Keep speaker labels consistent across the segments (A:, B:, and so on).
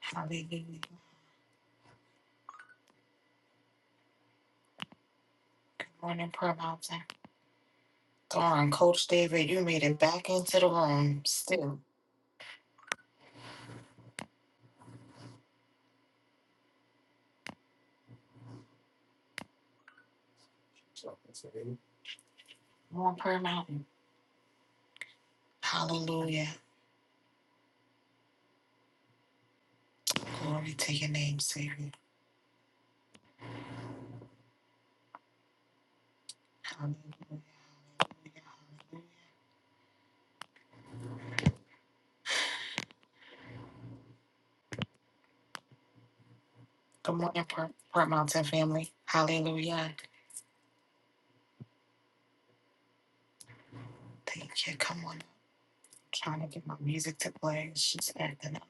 A: Hallelujah. Good morning, prayer mountain. Darn, Coach David, you made it back into the room. Still Come on prayer mountain. Hallelujah. Glory to your name, Savior. Hallelujah. Good morning, prayer, prayer mountain family. Hallelujah. Thank you. Come on. trying to get my music to play. She's acting up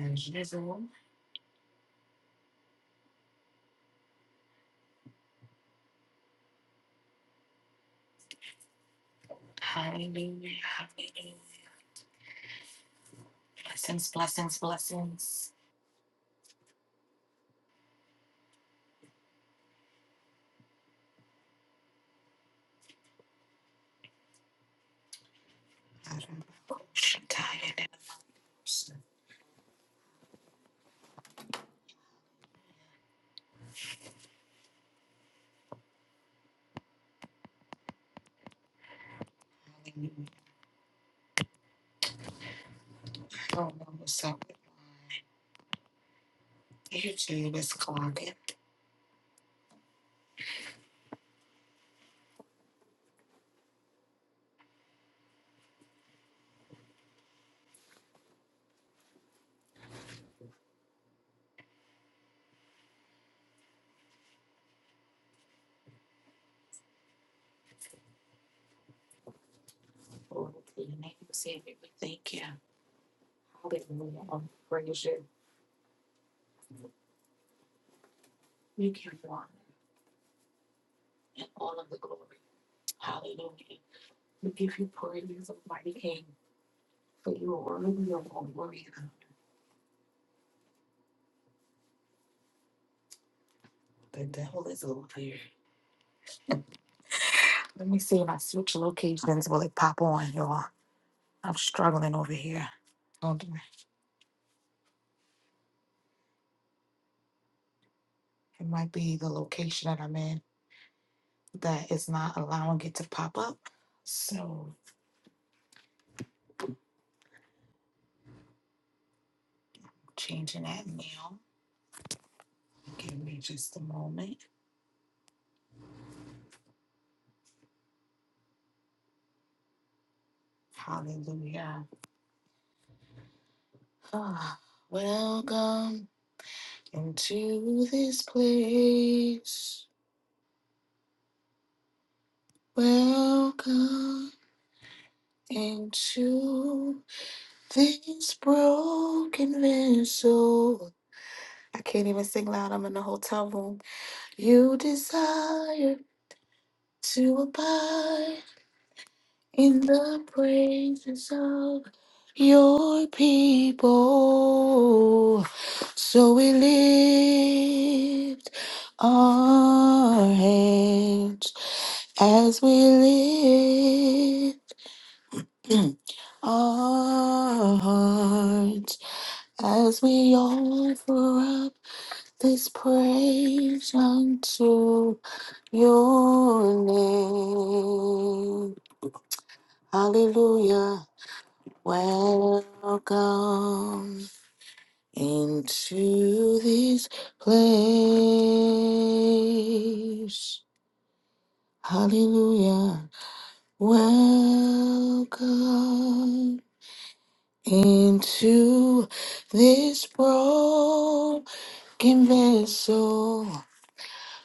A: as usual. Hallelujah. Hallelujah. Blessings, blessings, blessings. Hallelujah. I don't know what's up with my YouTube is clogging. Lord, in the name of Savior, we thank you. Hallelujah. Oh, Praise you. You give you honor and all of the glory. Hallelujah. We give you praise, Almighty King, for you are worthy of all glory. The devil is over here. Let me see if I switch locations. Will it pop on, y'all? I'm struggling over here. Don't do it. It might be the location that I'm in that is not allowing it to pop up. So. Changing that now. Give me just a moment. Hallelujah. Ah, Welcome into this place. Welcome into this broken vessel. I can't even sing loud. I'm in the hotel room. You desire to abide. in the praises of your people. So we lift our hands as we lift our hearts as we offer up this praise unto your name. Hallelujah. Welcome into this place. Hallelujah. Welcome into this broken vessel.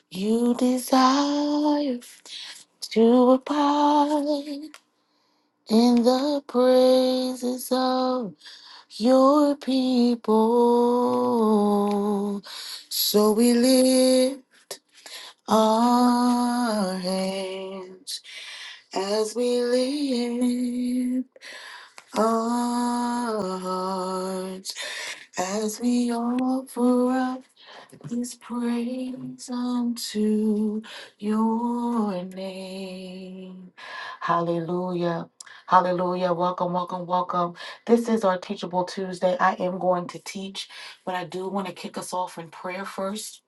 A: You desire to abide in the praises of your people. So we lift our hands as we lift our hearts as we offer up. This praise unto your name. Hallelujah. Hallelujah. Welcome, welcome, welcome. This is our Teachable Tuesday. I am going to teach, but I do want to kick us off in prayer first.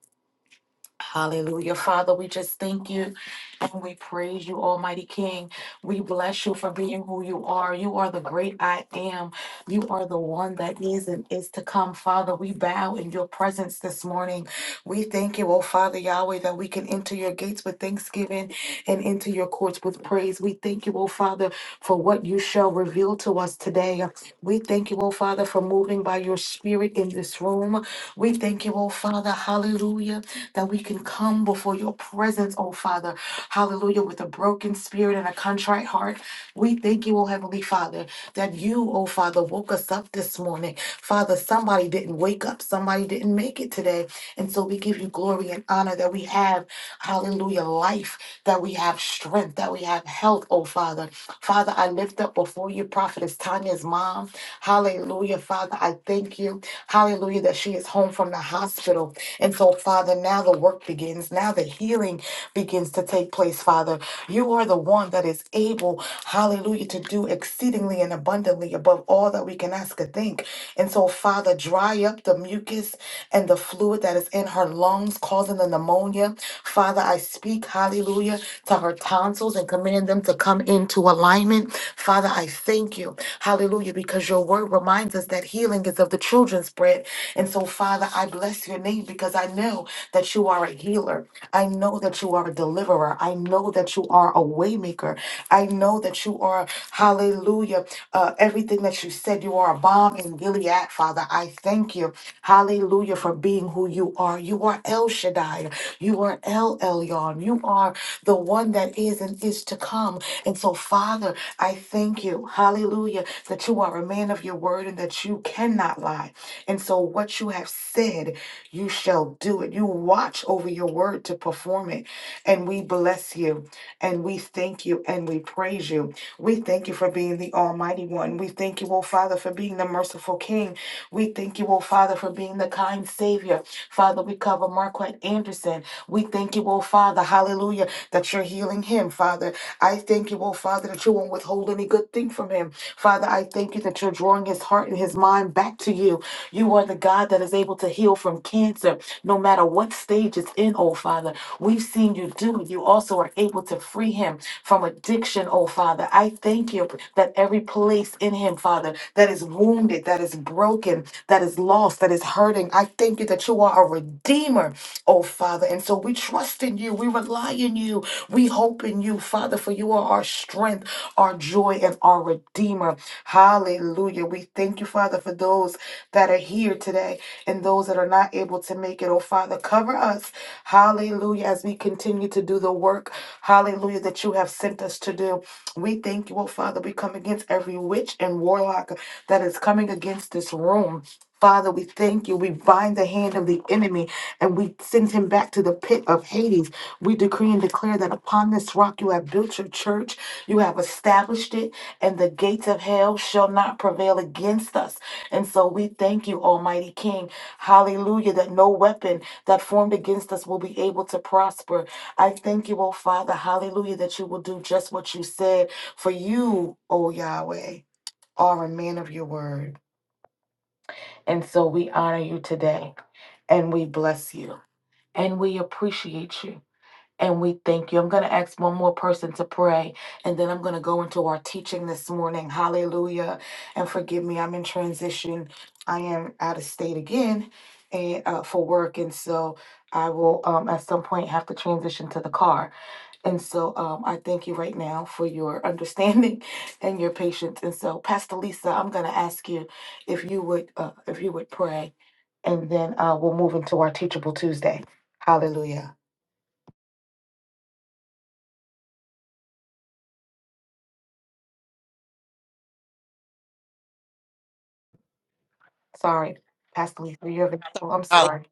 A: Hallelujah. Father, we just thank you and we praise you, Almighty King. We bless you for being who you are. You are the great I am. You are the one that is and is to come. Father, we bow in your presence this morning. We thank you, oh Father Yahweh, that we can enter your gates with thanksgiving and into your courts with praise. We thank you, oh Father, for what you shall reveal to us today. We thank you, oh Father, for moving by your spirit in this room. We thank you, oh Father. Hallelujah that we can come before your presence, oh Father. Hallelujah. With a broken spirit and a contrite heart. We thank you, oh Heavenly Father, that you, oh Father, woke us up this morning. Father, somebody didn't wake up, somebody didn't make it today. And so we give you glory and honor that we have, hallelujah, life, that we have strength, that we have health, oh Father. Father, I lift up before you, Prophetess Tanya's mom. Hallelujah, Father. I thank you. Hallelujah, that she is home from the hospital. And so, Father, now the work begins. Now the healing begins to take place, Father. You are the one that is able, hallelujah, to do exceedingly and abundantly above all that we can ask or think. And so, Father, dry up the mucus and the fluid that is in her lungs causing the pneumonia. Father, I speak, hallelujah, to her tonsils and commanding them to come into alignment. Father, I thank you, hallelujah, because your word reminds us that healing is of the children's bread. And so, Father, I bless your name because I know that you are a healer. I know that you are a deliverer. I know that you are a waymaker. I know that you are, hallelujah, uh, everything that you said. You are a bomb in Gilead, Father. I thank you. Hallelujah for being who you are. You are El Shaddai. You are El Elyon. You are the one that is and is to come. And so, Father, I thank you. Hallelujah that you are a man of your word and that you cannot lie. And so, what you have said, you shall do it. You watch over your word to perform it. And we bless you. And we thank you and we praise you. We thank you for being the Almighty One. We thank you, O Father, for being the merciful King. We thank you, O Father, for being the kind Savior. Father, we cover Marquette Anderson. We thank you, O Father, hallelujah, that you're healing him, Father. I thank you, O Father, that you won't withhold any good thing from him. Father, I thank you that you're drawing bring his heart and his mind back to you. You are the God that is able to heal from cancer, no matter what stage it's in, oh Father. We've seen you do it. You also are able to free him from addiction, oh Father. I thank you that every place in him, Father, that is wounded, that is broken, that is lost, that is hurting, I thank you that you are a redeemer oh Father. And so we trust in you. We rely in you. We hope in you, Father, for you are our strength, our joy, and our Redeemer. Hallelujah. We thank you, Father, for those that are here today and those that are not able to make it. Oh Father, cover us. Hallelujah. As we continue to do the work, hallelujah, that you have sent us to do. We thank you, oh Father. We come against every witch and warlock that is coming against this room. Father, we thank you. We bind the hand of the enemy and we send him back to the pit of Hades. We decree and declare that upon this rock you have built your church, you have established it, and the gates of hell shall not prevail against us. And so we thank you, Almighty King. Hallelujah, that no weapon that formed against us will be able to prosper. I thank you, oh Father, hallelujah, that you will do just what you said. For you, oh Yahweh, are a man of your word. And so we honor you today and we bless you and we appreciate you and we thank you. I'm going to ask one more person to pray and then I'm going to go into our teaching this morning. Hallelujah. And forgive me, I'm in transition. I am out of state again and uh, for work and so I will um, at some point have to transition to the car. And so um, I thank you right now for your understanding and your patience. And so, Pastor Lisa, I'm going to ask you if you would uh, if you would pray, and then uh, we'll move into our Teachable Tuesday. Hallelujah. Sorry, Pastor Lisa, you're available. I'm
B: Hallelujah.
A: sorry.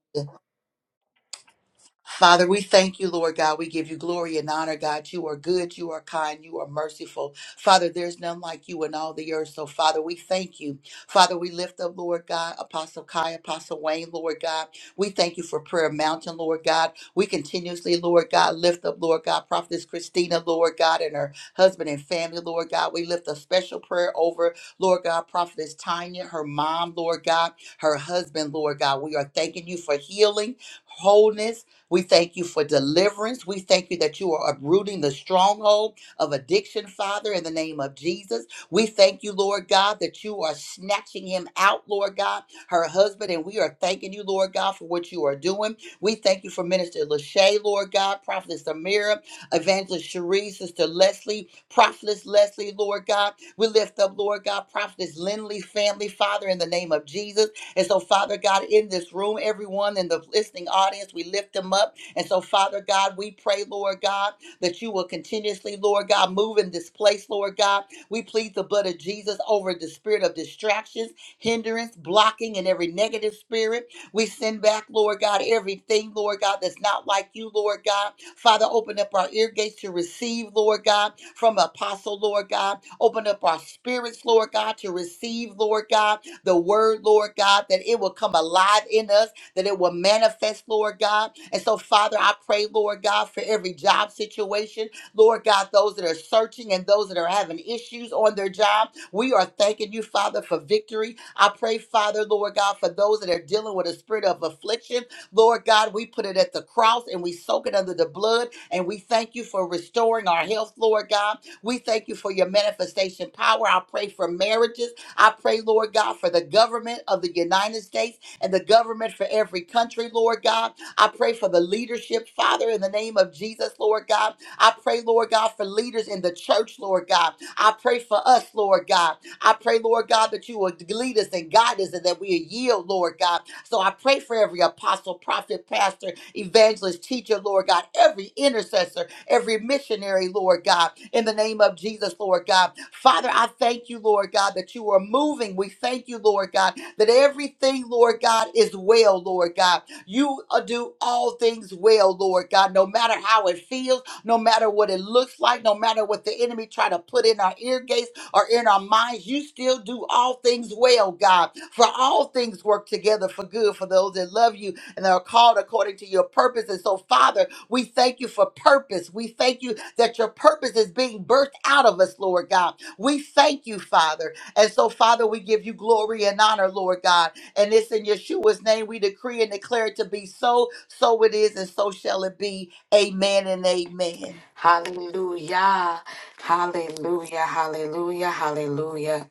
B: Father, we thank you, Lord God. We give you glory and honor, God. You are good, you are kind, you are merciful. Father, there's none like you in all the earth. So, Father, we thank you. Father, we lift up, Lord God, Apostle Kai, Apostle Wayne, Lord God. We thank you for Prayer Mountain, Lord God. We continuously, Lord God, lift up, Lord God, Prophetess Christina, Lord God, and her husband and family, Lord God. We lift a special prayer over, Lord God, Prophetess Tanya, her mom, Lord God, her husband, Lord God. We are thanking you for healing, wholeness, we thank you for deliverance. We thank you that you are uprooting the stronghold of addiction, Father, in the name of Jesus. We thank you, Lord God, that you are snatching him out, Lord God, her husband, and we are thanking you, Lord God, for what you are doing. We thank you for Minister Lachey, Lord God, Prophetess Amira, Evangelist Cherie, Sister Leslie, Prophetess Leslie, Lord God. We lift up, Lord God, Prophetess Lindley family, Father, in the name of Jesus. And so, Father God, in this room, everyone in the listening audience, we lift them up. And so, Father God, we pray, Lord God, that you will continuously, Lord God, move in this place, Lord God. We plead the blood of Jesus over the spirit of distractions, hindrance, blocking, and every negative spirit. We send back, Lord God, everything, Lord God, that's not like you, Lord God. Father, open up our ear gates to receive, Lord God, from Apostle, Lord God. Open up our spirits, Lord God, to receive, Lord God the word, Lord God, that it will come alive in us, that it will manifest, Lord God. And so, Father, I pray, Lord God, for every job situation, Lord God, those that are searching and those that are having issues on their job. We are thanking you, Father, for victory. I pray, Father, Lord God, for those that are dealing with a spirit of affliction. Lord God, we put it at the cross and we soak it under the blood. And we thank you for restoring our health, Lord God. We thank you for your manifestation power. I pray for marriages. I pray, Lord God, for the government of the United States and the government for every country, Lord God. I pray for the leadership, Father, in the name of Jesus, Lord God. I pray, Lord God, for leaders in the church, Lord God. I pray for us, Lord God. I pray, Lord God, that you will lead us and guide us and that we yield, Lord God. So I pray for every apostle, prophet, pastor, evangelist, teacher, Lord God, every intercessor every missionary, Lord God, in the name of Jesus, Lord God. Father, I thank you, Lord God, that you are moving. We thank you, Lord God, that everything, Lord God, is well, Lord God. You uh, do all things well, Lord God, no matter how it feels, no matter what it looks like, no matter what the enemy try to put in our ear gates or in our minds, you still do all things well, God. For all things work together for good for those that love you and that are called according to your purpose. And so, Father, we thank you for purpose. We thank you that your purpose is being birthed out of us, Lord God. We thank you, Father. And so, Father, we give you glory and honor, Lord God. And it's in Yeshua's name we decree and declare it to be so, so it is, and so shall it be. Amen and amen.
A: Hallelujah. Hallelujah. Hallelujah. Hallelujah.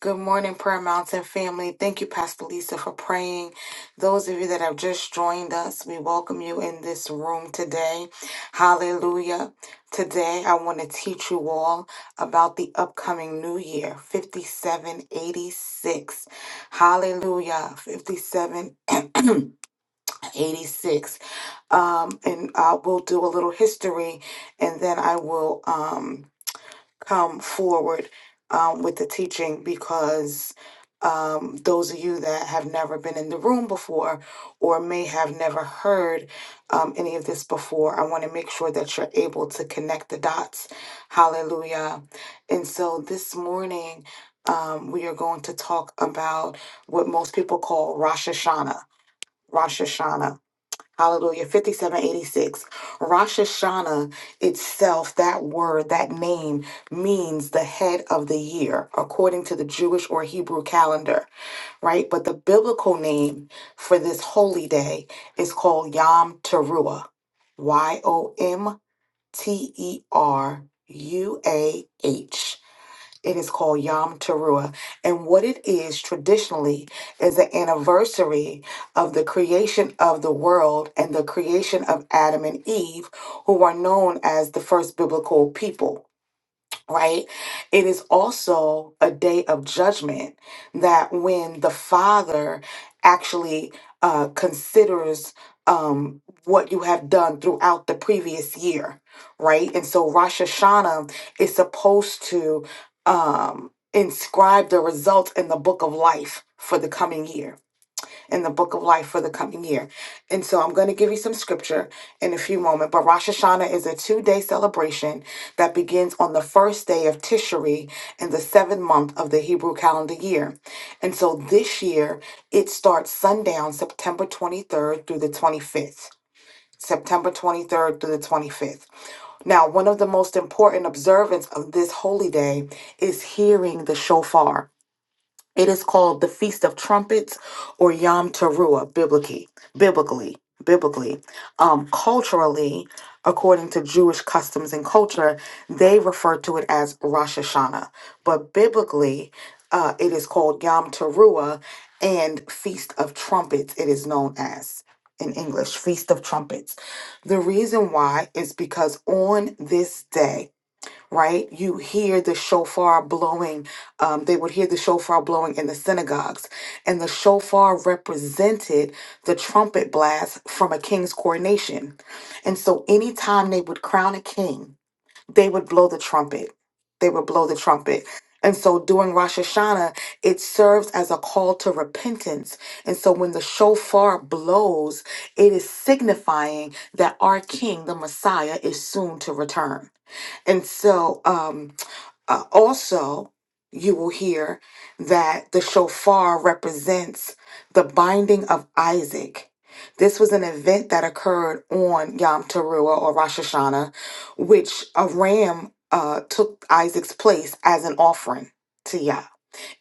A: Good morning, Prayer Mountain family. Thank you, Pastor Lisa, for praying. Those of you that have just joined us, we welcome you in this room today. Hallelujah. Today, I want to teach you all about the upcoming new year, 5786. Hallelujah. 5786. Um, and I will do a little history and then I will. Um, come forward um, with the teaching because um, those of you that have never been in the room before or may have never heard um, any of this before, I want to make sure that you're able to connect the dots. Hallelujah. And so this morning, um, we are going to talk about what most people call Rosh Hashanah. Rosh Hashanah. Hallelujah. 5786. Rosh Hashanah itself, that word, that name means the head of the year, according to the Jewish or Hebrew calendar, right? But the biblical name for this holy day is called Yom Teruah. Y O M T E R U A H. It is called Yom Teruah. And what it is traditionally is the anniversary of the creation of the world and the creation of Adam and Eve, who are known as the first biblical people right? It is also a day of judgment that when the Father actually uh, considers um, what you have done throughout the previous year, right? And so Rosh Hashanah is supposed to um, inscribe the results in the book of life for the coming year in the book of life for the coming year. And so I'm going to give you some scripture in a few moments. But Rosh Hashanah is a two day celebration that begins on the first day of Tishri in the seventh month of the Hebrew calendar year. And so this year, it starts sundown September 23rd through the 25th. September 23rd through the 25th. Now, one of the most important observance of this holy day is hearing the shofar. It is called the Feast of Trumpets or Yom Teruah biblically. Biblically, biblically, um, culturally, according to Jewish customs and culture, they refer to it as Rosh Hashanah. But biblically, uh, it is called Yom Teruah and Feast of Trumpets. It is known as in English, Feast of Trumpets. The reason why is because on this day right? You hear the shofar blowing. Um, they would hear the shofar blowing in the synagogues. And the shofar represented the trumpet blast from a king's coronation. And so anytime they would crown a king, they would blow the trumpet. They would blow the trumpet. And so during Rosh Hashanah, it serves as a call to repentance. And so when the shofar blows, it is signifying that our king, the Messiah, is soon to return and so, um, uh, also, you will hear that the shofar represents the binding of Isaac. This was an event that occurred on Yom Teruah or Rosh Hashanah, which a ram uh, took Isaac's place as an offering to Yah.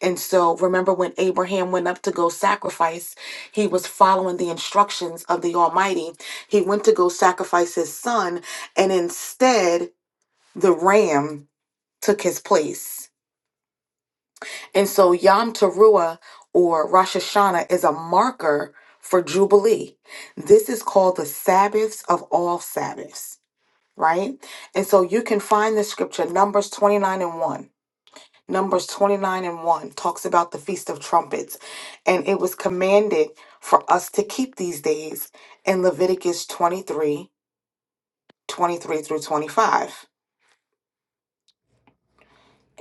A: And so, remember when Abraham went up to go sacrifice, he was following the instructions of the Almighty. He went to go sacrifice his son, and instead, the ram took his place. And so Yom Teruah or Rosh Hashanah is a marker for Jubilee. This is called the Sabbaths of all Sabbaths, right? And so you can find the scripture, Numbers 29 and 1. Numbers 29 and 1 talks about the Feast of Trumpets. And it was commanded for us to keep these days in Leviticus 23, 23 through 25.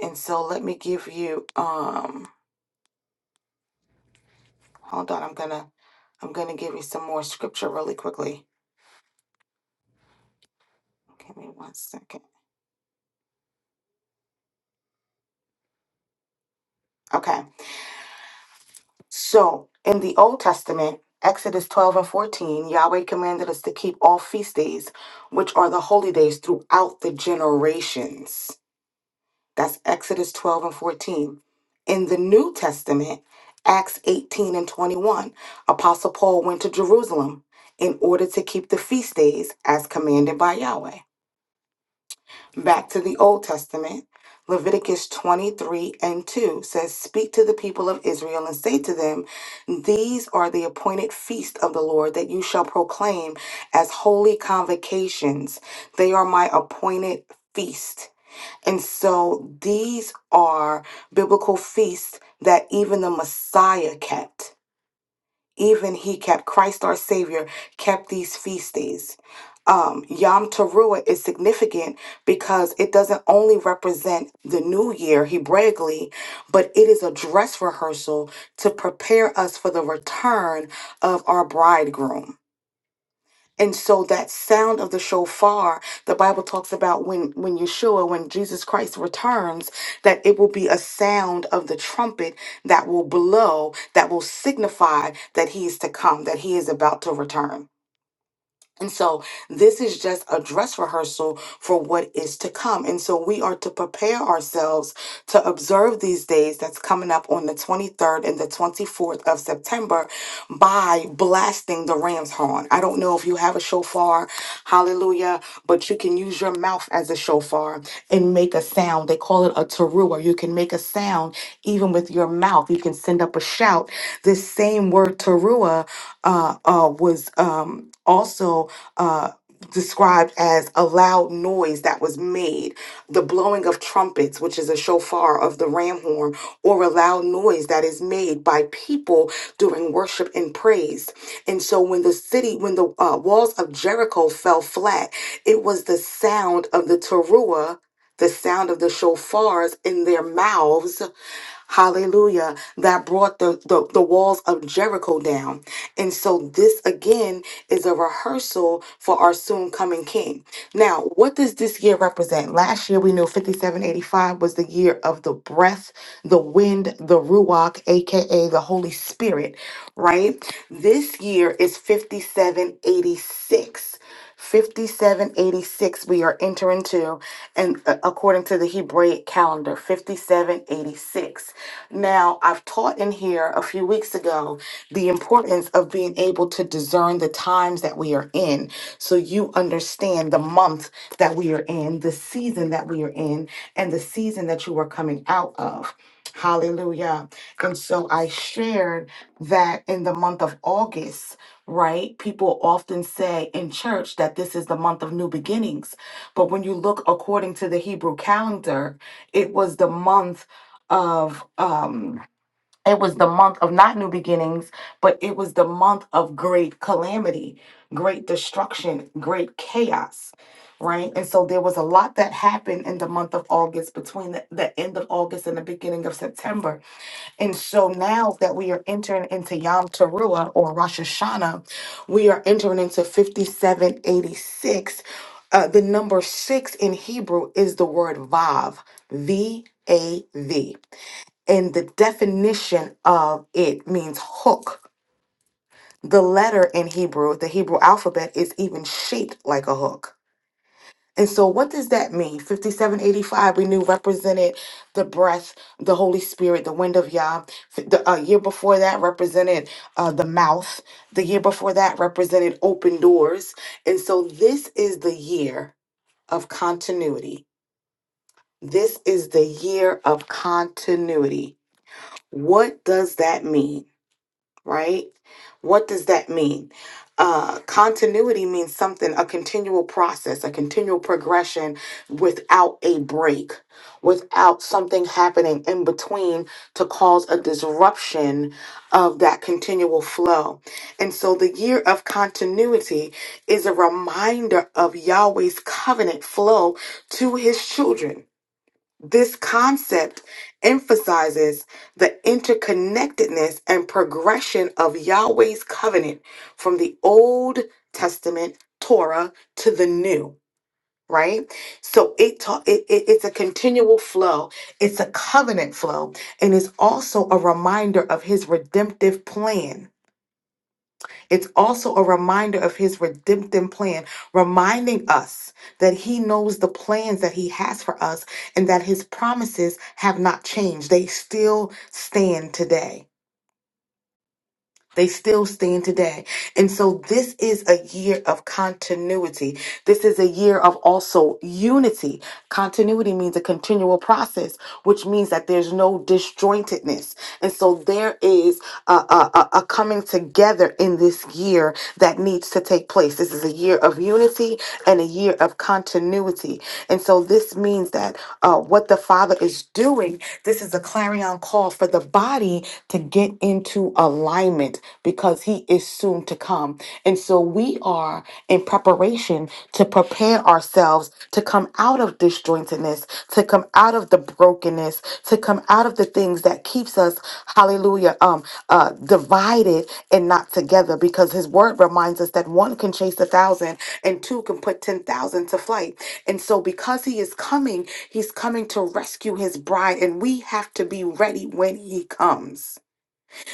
A: And so let me give you um Hold on, I'm gonna I'm gonna give you some more scripture really quickly. Okay, Give me one second. Okay. So in the Old Testament, Exodus 12 and 14, Yahweh commanded us to keep all feast days, which are the holy days throughout the generations. That's Exodus 12 and 14. In the New Testament, Acts 18 and 21, Apostle Paul went to Jerusalem in order to keep the feast days as commanded by Yahweh. Back to the Old Testament, Leviticus 23 and 2 says, Speak to the people of Israel and say to them, These are the appointed feasts of the Lord that you shall proclaim as holy convocations. They are my appointed feast. And so these are biblical feasts that even the Messiah kept even he kept Christ our Savior kept these feast days. Um, Yom Teruah is significant because it doesn't only represent the new year Hebraically, but it is a dress rehearsal to prepare us for the return of our bridegroom. And so that sound of the shofar, the Bible talks about when when Yeshua, when Jesus Christ returns, that it will be a sound of the trumpet that will blow, that will signify that he is to come, that he is about to return. And so this is just a dress rehearsal for what is to come. And so we are to prepare ourselves to observe these days that's coming up on the 23rd and the 24th of September by blasting the ram's horn. I don't know if you have a shofar, hallelujah, but you can use your mouth as a shofar and make a sound. They call it a teruah. You can make a sound even with your mouth. You can send up a shout. This same word teruah uh, uh, was um, also. Uh, described as a loud noise that was made, the blowing of trumpets, which is a shofar of the ram horn, or a loud noise that is made by people during worship and praise. And so when the city, when the uh, walls of Jericho fell flat, it was the sound of the teruah, the sound of the shofars in their mouths hallelujah, that brought the, the, the walls of Jericho down. And so this again is a rehearsal for our soon coming king. Now, what does this year represent? Last year we knew 5785 was the year of the breath, the wind, the ruach, aka the Holy Spirit, right? This year is 5786. 5786 we are entering to and uh, according to the Hebraic calendar 5786. Now, I've taught in here a few weeks ago the importance of being able to discern the times that we are in so you understand the month that we are in, the season that we are in, and the season that you are coming out of. Hallelujah. And so I shared that in the month of August right? People often say in church that this is the month of new beginnings. But when you look according to the Hebrew calendar, it was the month of um it was the month of not new beginnings, but it was the month of great calamity, great destruction, great chaos, right? And so there was a lot that happened in the month of August between the, the end of August and the beginning of September and so now that we are entering into Yom Teruah or Rosh Hashanah, we are entering into 5786. Uh, the number six in Hebrew is the word Vav, V A V. And the definition of it means hook. The letter in Hebrew, the Hebrew alphabet, is even shaped like a hook. And so, what does that mean? 5785, we knew represented the breath, the Holy Spirit, the wind of Yah. F- The uh, year before that represented uh, the mouth. The year before that represented open doors. And so, this is the year of continuity. This is the year of continuity. What does that mean? right? What does that mean? Uh, continuity means something, a continual process, a continual progression without a break, without something happening in between to cause a disruption of that continual flow. And so the year of continuity is a reminder of Yahweh's covenant flow to his children this concept emphasizes the interconnectedness and progression of Yahweh's covenant from the Old Testament Torah to the New, right? So it, ta- it, it it's a continual flow. It's a covenant flow and it's also a reminder of his redemptive plan it's also a reminder of his redemptive plan, reminding us that he knows the plans that he has for us and that his promises have not changed. They still stand today. They still stand today. And so this is a year of continuity. This is a year of also unity. Continuity means a continual process, which means that there's no disjointedness. And so there is a, a, a a coming together in this year that needs to take place. This is a year of unity and a year of continuity. And so this means that uh, what the Father is doing, this is a clarion call for the body to get into into alignment because he is soon to come. And so we are in preparation to prepare ourselves to come out of disjointedness, to come out of the brokenness, to come out of the things that keeps us, hallelujah, um, uh, divided and not together. Because his word reminds us that one can chase a thousand and two can put ten thousand to flight. And so because he is coming, he's coming to rescue his bride, and we have to be ready when he comes.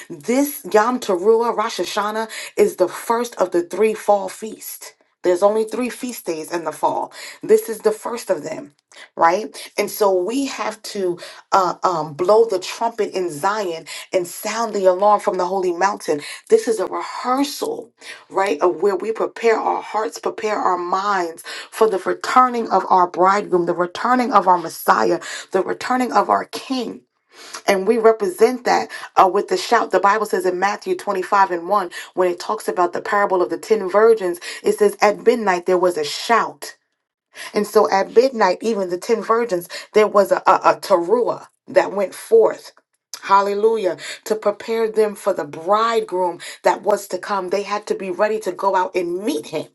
A: This Yom Teruah, Rosh Hashanah, is the first of the three fall feasts. There's only three feast days in the fall. This is the first of them, right? And so we have to uh, um, blow the trumpet in Zion and sound the alarm from the holy mountain. This is a rehearsal, right, of where we prepare our hearts, prepare our minds for the returning of our bridegroom, the returning of our Messiah, the returning of our King and we represent that uh, with the shout. The Bible says in Matthew 25 and 1, when it talks about the parable of the 10 virgins, it says, At midnight there was a shout. And so at midnight, even the 10 virgins, there was a, a, a teruah that went forth. Hallelujah. To prepare them for the bridegroom that was to come, they had to be ready to go out and meet him.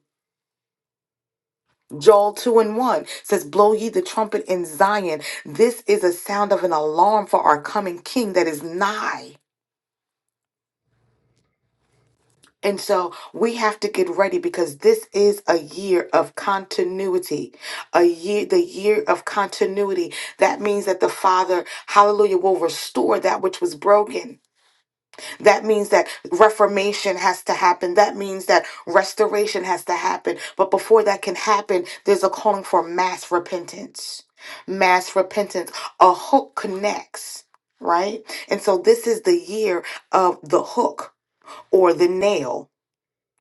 A: Joel 2 and 1 says, Blow ye the trumpet in Zion. This is a sound of an alarm for our coming king that is nigh. And so we have to get ready because this is a year of continuity. A year, the year of continuity. That means that the Father, hallelujah, will restore that which was broken. That means that reformation has to happen. That means that restoration has to happen. But before that can happen, there's a calling for mass repentance. Mass repentance. A hook connects, right? And so this is the year of the hook or the nail,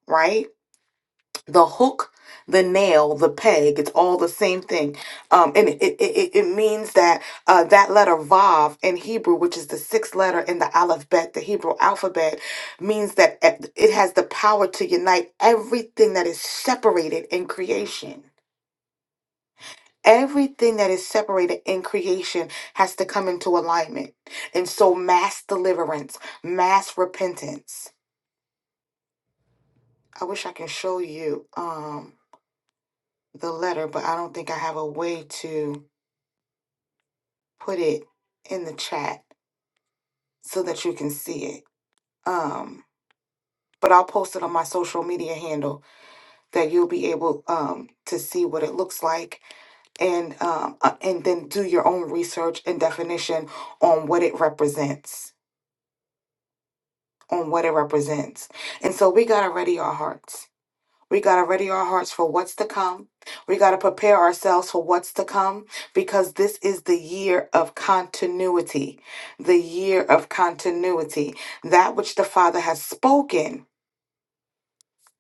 A: right? the hook, the nail, the peg, it's all the same thing. Um, and it, it, it, it means that uh, that letter Vav in Hebrew, which is the sixth letter in the alphabet, the Hebrew alphabet, means that it it has the power to unite everything that is separated in creation. Everything that is separated in creation has to come into alignment. And so mass deliverance, mass repentance. I wish I can show you. Um, the letter, but I don't think I have a way to put it in the chat so that you can see it. Um, but I'll post it on my social media handle that you'll be able um, to see what it looks like and um, uh, and then do your own research and definition on what it represents, on what it represents. And so we got to ready our hearts We got to ready our hearts for what's to come. We got to prepare ourselves for what's to come because this is the year of continuity. The year of continuity. That which the Father has spoken,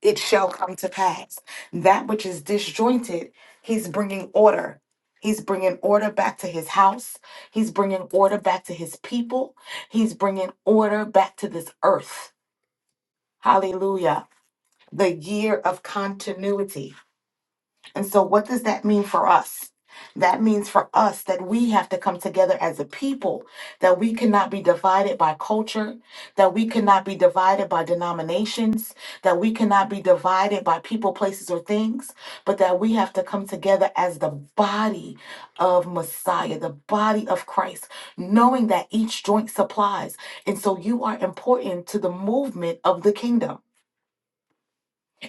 A: it shall come to pass. That which is disjointed, He's bringing order. He's bringing order back to his house. He's bringing order back to his people. He's bringing order back to this earth. Hallelujah. The year of continuity And so, what does that mean for us? That means for us that we have to come together as a people, that we cannot be divided by culture, that we cannot be divided by denominations, that we cannot be divided by people, places, or things, but that we have to come together as the body of Messiah, the body of Christ, knowing that each joint supplies. And so, you are important to the movement of the kingdom.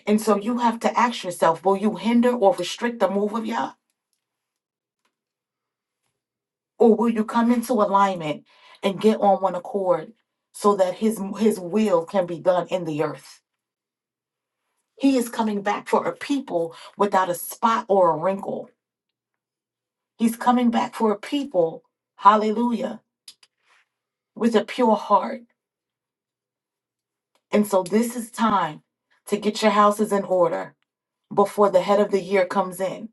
A: And so, you have to ask yourself will you hinder or restrict the move of Yah? or will you come into alignment and get on one accord so that his his will can be done in the earth he is coming back for a people without a spot or a wrinkle he's coming back for a people hallelujah with a pure heart and so this is time to get your houses in order before the head of the year comes in.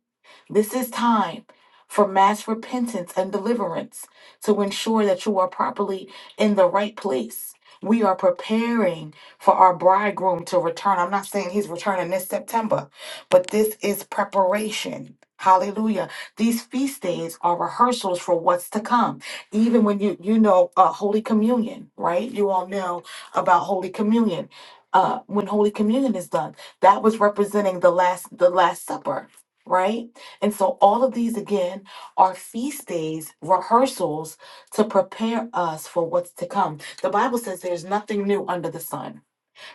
A: This is time for mass repentance and deliverance to ensure that you are properly in the right place. We are preparing for our bridegroom to return. I'm not saying he's returning this September, but this is preparation. Hallelujah. These feast days are rehearsals for what's to come. Even when you you know uh, Holy Communion, right? You all know about Holy Communion. Uh, when Holy Communion is done. That was representing the last the last supper, right? And so all of these again are feast days, rehearsals to prepare us for what's to come. The Bible says there's nothing new under the sun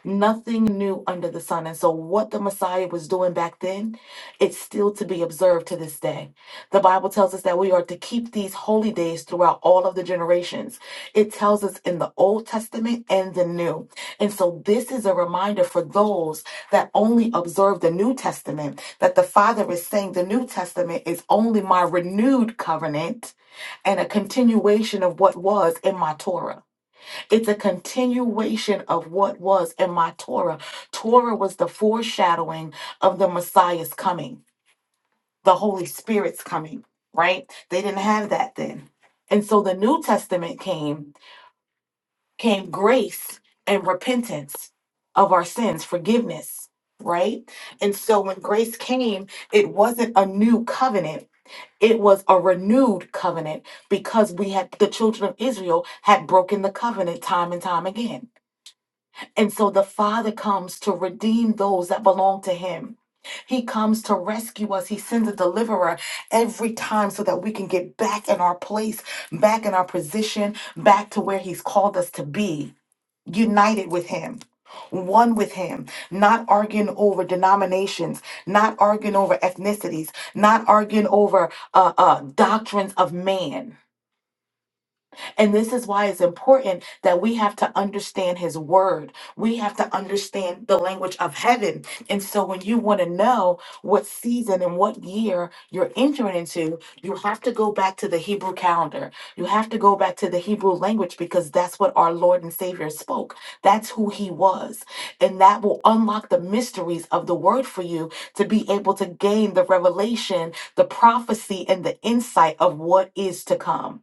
A: Nothing new under the sun. And so, what the Messiah was doing back then, it's still to be observed to this day. The Bible tells us that we are to keep these holy days throughout all of the generations. It tells us in the Old Testament and the New. And so, this is a reminder for those that only observe the New Testament that the Father is saying the New Testament is only my renewed covenant and a continuation of what was in my Torah. It's a continuation of what was in my Torah. Torah was the foreshadowing of the Messiah's coming, the Holy Spirit's coming, right? They didn't have that then. And so the New Testament came, came grace and repentance of our sins, forgiveness, right? And so when grace came, it wasn't a new covenant. It was a renewed covenant because we had the children of Israel had broken the covenant time and time again and so the Father comes to redeem those that belong to Him. He comes to rescue us. He sends a deliverer every time so that we can get back in our place, back in our position, back to where He's called us to be, united with Him. One with him, not arguing over denominations, not arguing over ethnicities, not arguing over uh, uh, doctrines of man and this is why it's important that we have to understand his word. We have to understand the language of heaven. And so when you want to know what season and what year you're entering into, you have to go back to the Hebrew calendar. You have to go back to the Hebrew language because that's what our Lord and Savior spoke. That's who he was. And that will unlock the mysteries of the word for you to be able to gain the revelation, the prophecy, and the insight of what is to come.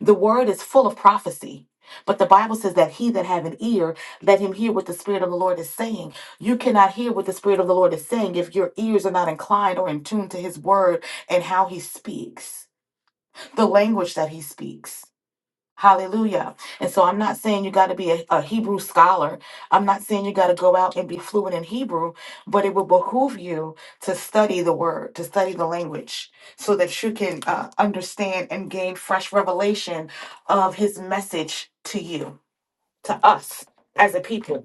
A: The word is full of prophecy. But the Bible says that he that have an ear, let him hear what the Spirit of the Lord is saying. You cannot hear what the Spirit of the Lord is saying if your ears are not inclined or in tune to his word and how he speaks, the language that he speaks. Hallelujah. And so I'm not saying you got to be a, a Hebrew scholar. I'm not saying you got to go out and be fluent in Hebrew, but it will behoove you to study the word, to study the language, so that you can uh, understand and gain fresh revelation of his message to you, to us as a people.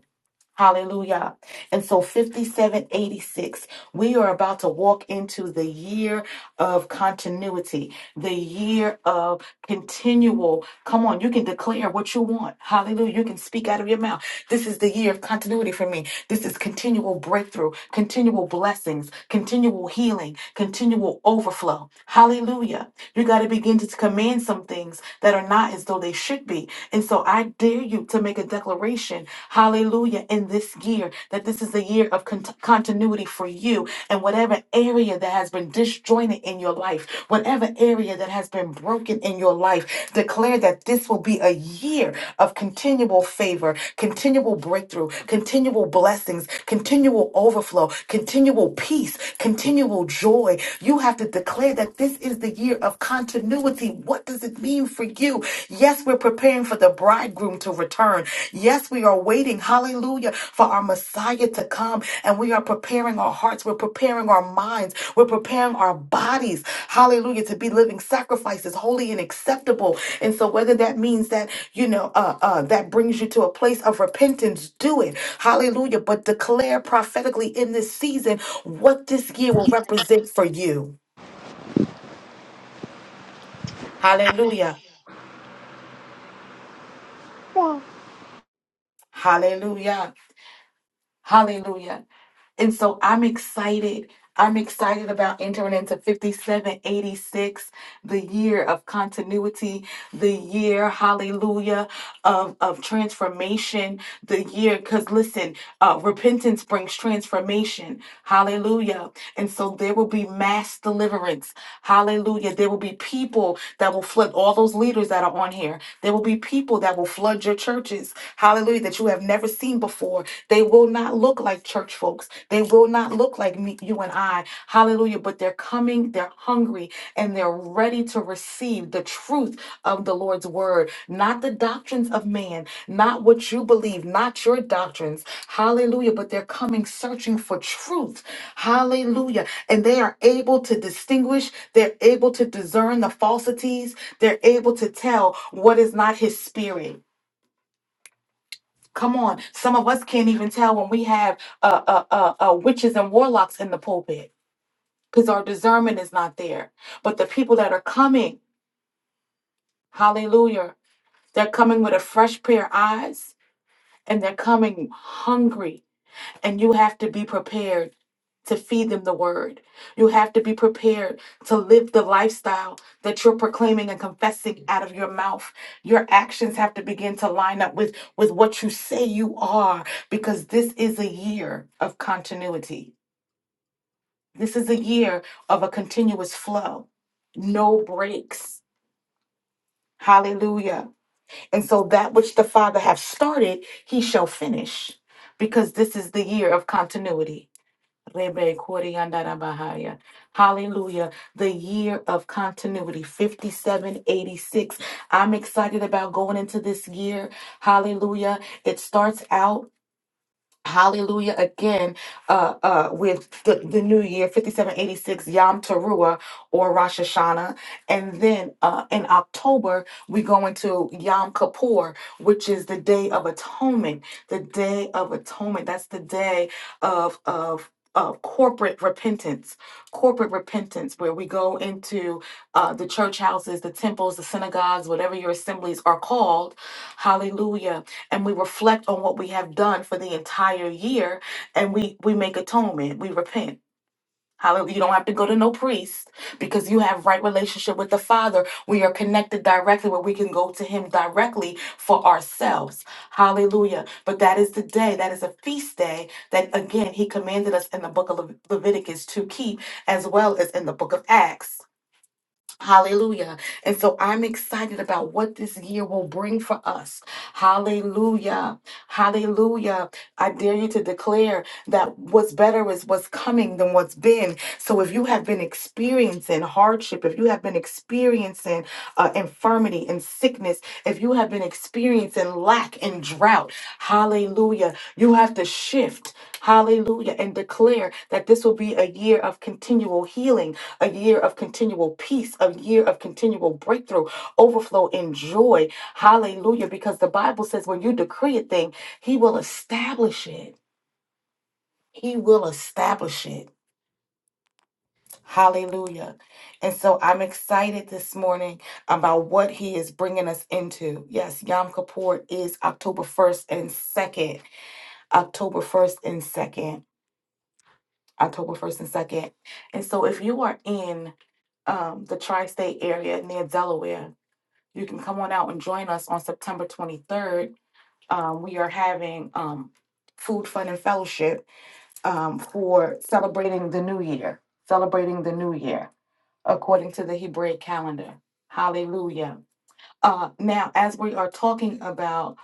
A: Hallelujah. And so 5786, we are about to walk into the year of continuity, the year of continual. Come on, you can declare what you want. Hallelujah. You can speak out of your mouth. This is the year of continuity for me. This is continual breakthrough, continual blessings, continual healing, continual overflow. Hallelujah. You got to begin begin to command some things that are not as though they should be. And so I dare you to make a declaration, hallelujah, in this year that this is a year of cont- continuity for you and whatever area that has been disjointed in your life, whatever area that has been broken in your life, declare that this will be a year of continual favor, continual breakthrough, continual blessings, continual overflow, continual peace, continual joy. You have to declare that this is the year of continuity. What does it mean for you? Yes, we're preparing for the bridegroom to return. Yes, we are waiting, hallelujah, for our Messiah to come. And we are preparing our hearts, we're preparing our minds, we're preparing our bodies, hallelujah, to be living sacrifices, holy and acceptable and so whether that means that, you know, uh, uh, that brings you to a place of repentance, do it. Hallelujah. But declare prophetically in this season what this year will represent for you. Hallelujah.
C: Why,
A: Hallelujah. Hallelujah. And so I'm excited. I'm excited about entering into 5786, the year of continuity, the year, hallelujah, of, of transformation, the year, because listen, uh, repentance brings transformation, hallelujah. And so there will be mass deliverance, hallelujah. There will be people that will flood all those leaders that are on here. There will be people that will flood your churches, hallelujah, that you have never seen before They will they will not look like church folks. They will not look like me, you and I. Hallelujah. But they're coming, they're hungry, and they're ready to receive the truth of the Lord's word, not the doctrines of man, not what you believe, not your doctrines. Hallelujah. But they're coming searching for truth. Hallelujah. And they are able to distinguish, they're able to discern the falsities, they're able to tell what is not his spirit. Come on, some of us can't even tell when we have uh, uh, uh, uh, witches and warlocks in the pulpit because our discernment is not there. But the people that are coming, hallelujah, they're coming with a fresh pair of eyes and they're coming hungry And you have to be prepared to feed them the word. You have to be prepared to live the lifestyle that you're proclaiming and confessing out of your mouth. Your actions have to begin to line up with, with what you say you are, because this is a year of continuity. This is a year of a continuous flow, no breaks. Hallelujah. And so that which the Father have started, he shall finish, because this is the year of continuity. Rebe Koriandara Hallelujah. The year of continuity, 5786. I'm excited about going into this year. Hallelujah. It starts out. Hallelujah again uh, uh, with the, the new year 5786 Yom Teruah or Rosh Hashanah. And then uh, in October, we go into Yom Kippur, which is the Day of Atonement. The Day of Atonement. That's the day of, of, of corporate repentance, corporate repentance, where we go into uh, the church houses, the temples, the synagogues, whatever your assemblies are called. Hallelujah and we reflect on what we have done for the entire year and we we make atonement we repent Hallelujah. You don't have to go to no priest because you have right relationship with the Father. We are connected directly where we can go to Him directly for ourselves. Hallelujah. But that is the day, that is a feast day that again He commanded us in the book of Le- Leviticus to keep as well as in the book of Acts. Hallelujah. And so I'm excited about what this year will bring for us. Hallelujah. Hallelujah. I dare you to declare that what's better is what's coming than what's been. So if you have been experiencing hardship, if you have been experiencing uh, infirmity and sickness, if you have been experiencing lack and drought, hallelujah. You have to shift. Hallelujah. And declare that this will be a year of continual healing a year of continual peace, a year of continual breakthrough, overflow in joy. Hallelujah. Because the Bible says when you decree a thing, He will establish it. He will establish it. Hallelujah. And so I'm excited this morning about what he is bringing us into. Yes, Yom Kippur is October 1st and 2nd. October 1st and 2nd. October 1st and 2nd. And so if you are in um, the tri state area near Delaware, you can come on out and join us on September 23rd. Um, we are having um, food, fun, and fellowship um, for celebrating the new year, celebrating the new year according to the Hebraic calendar. Hallelujah. Uh, now, as we are talking about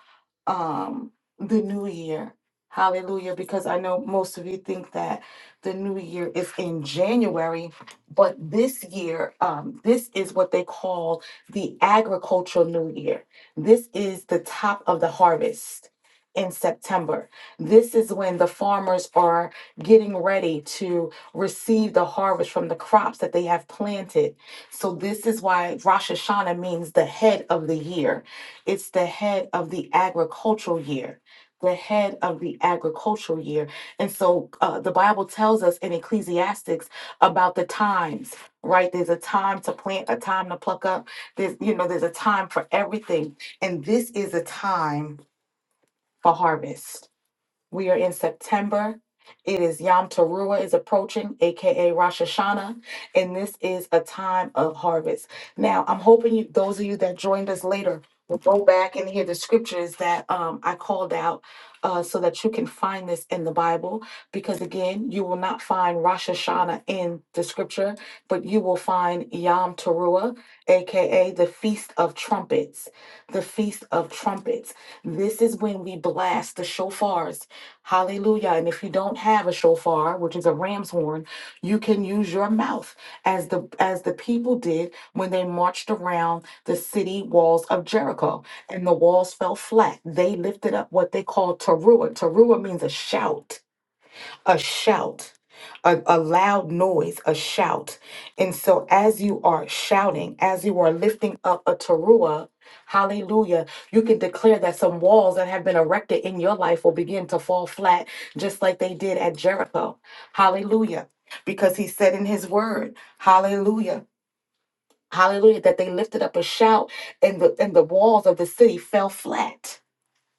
A: um the new year. Hallelujah because I know most of you think that the new year is in January, but this year um this is what they call the agricultural new year. This is the top of the harvest in September. This is when the farmers are getting ready to receive the harvest from the crops that they have planted. So this is why Rosh Hashanah means the head of the year it's the head of the agricultural year the head of the agricultural year and so uh, the bible tells us in ecclesiastics about the times right there's a time to plant a time to pluck up there's you know there's a time for everything and this is a time for harvest we are in September. It is Yom Teruah is approaching, aka Rosh Hashanah, and this is a time of harvest. Now, I'm hoping you, those of you that joined us later will go back and hear the scriptures that um, I called out uh, so that you can find this in the Bible. Because again, you will not find Rosh Hashanah in the scripture, but you will find Yom Teruah, aka the Feast of Trumpets. The Feast of Trumpets. This is when we blast the shofars Hallelujah. And if you don't have a shofar, which is a ram's horn, you can use your mouth as the as the people did when they marched around the city walls of Jericho and the walls fell flat. They lifted up what they called teruah. Teruah means a shout a shout, a, a loud noise, a shout. And so, as you are shouting, as you are lifting up a teruah, hallelujah, you can declare that some walls that have been erected in your life will begin to fall flat, just like they did at Jericho. Hallelujah. Because he said in his word, hallelujah, hallelujah, that they lifted up a shout and the, and the walls of the city fell flat.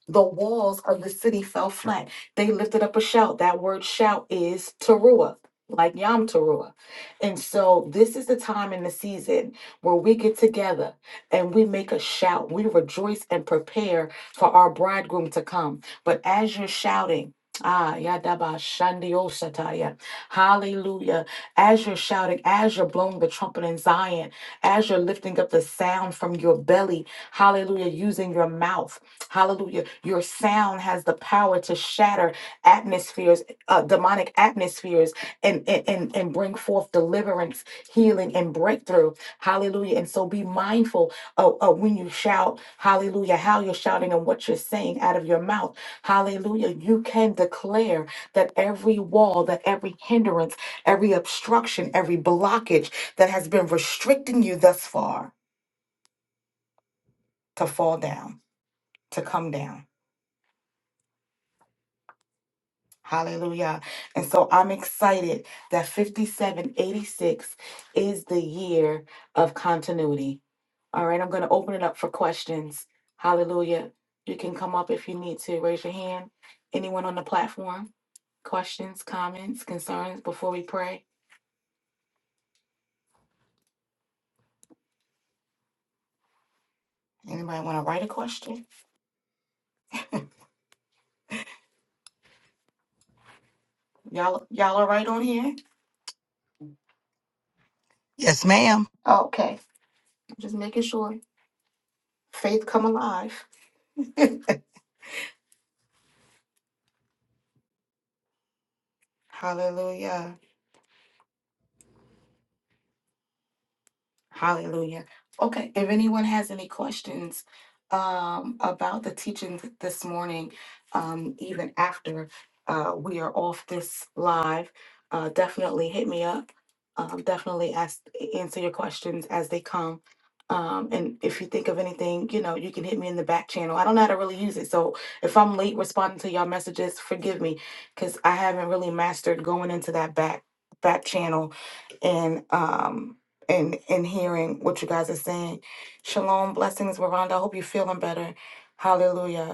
A: The walls of the city fell flat. They lifted up a shout. That word shout is teruah, like Yom Teruah. And so this is the time in the season where we get together and we make a shout. We rejoice and prepare for our bridegroom to come. But as you're shouting, Ah, Yadaba Shandio Sataya. Hallelujah. As you're shouting, as you're blowing the trumpet in Zion, as you're lifting up the sound from your belly, hallelujah, using your mouth. Hallelujah. Your sound has the power to shatter atmospheres, uh, demonic atmospheres, and, and, and, and bring forth deliverance, healing, and breakthrough. Hallelujah. And so be mindful of, of when you shout, hallelujah, how you're shouting and what you're saying out of your mouth. Hallelujah. You can declare that every wall, that every hindrance, every obstruction, every blockage that has been restricting you thus far to fall down, to come down. Hallelujah. And so I'm excited that 5786 is the year of continuity. All right, I'm going to open it up for questions. Hallelujah. You can come up if you need to. Raise your hand. Anyone on the platform? Questions, comments, concerns before we pray? Anybody want to write a question? Y'all y'all are right on here?
D: Yes, ma'am.
A: Okay. Just making sure. Faith come alive. Hallelujah. Hallelujah. Okay, if anyone has any questions um, about the teaching th- this morning, um, even after uh, we are off this live, uh, definitely hit me up. Um, definitely ask answer your questions as they come. Um, and if you think of anything, you know, you can hit me in the back channel. I don't know how to really use it. So if I'm late responding to y'all messages, forgive me because I haven't really mastered going into that back back channel and um and and hearing what you guys are saying. Shalom, blessings, Veranda. I hope you're feeling better. Hallelujah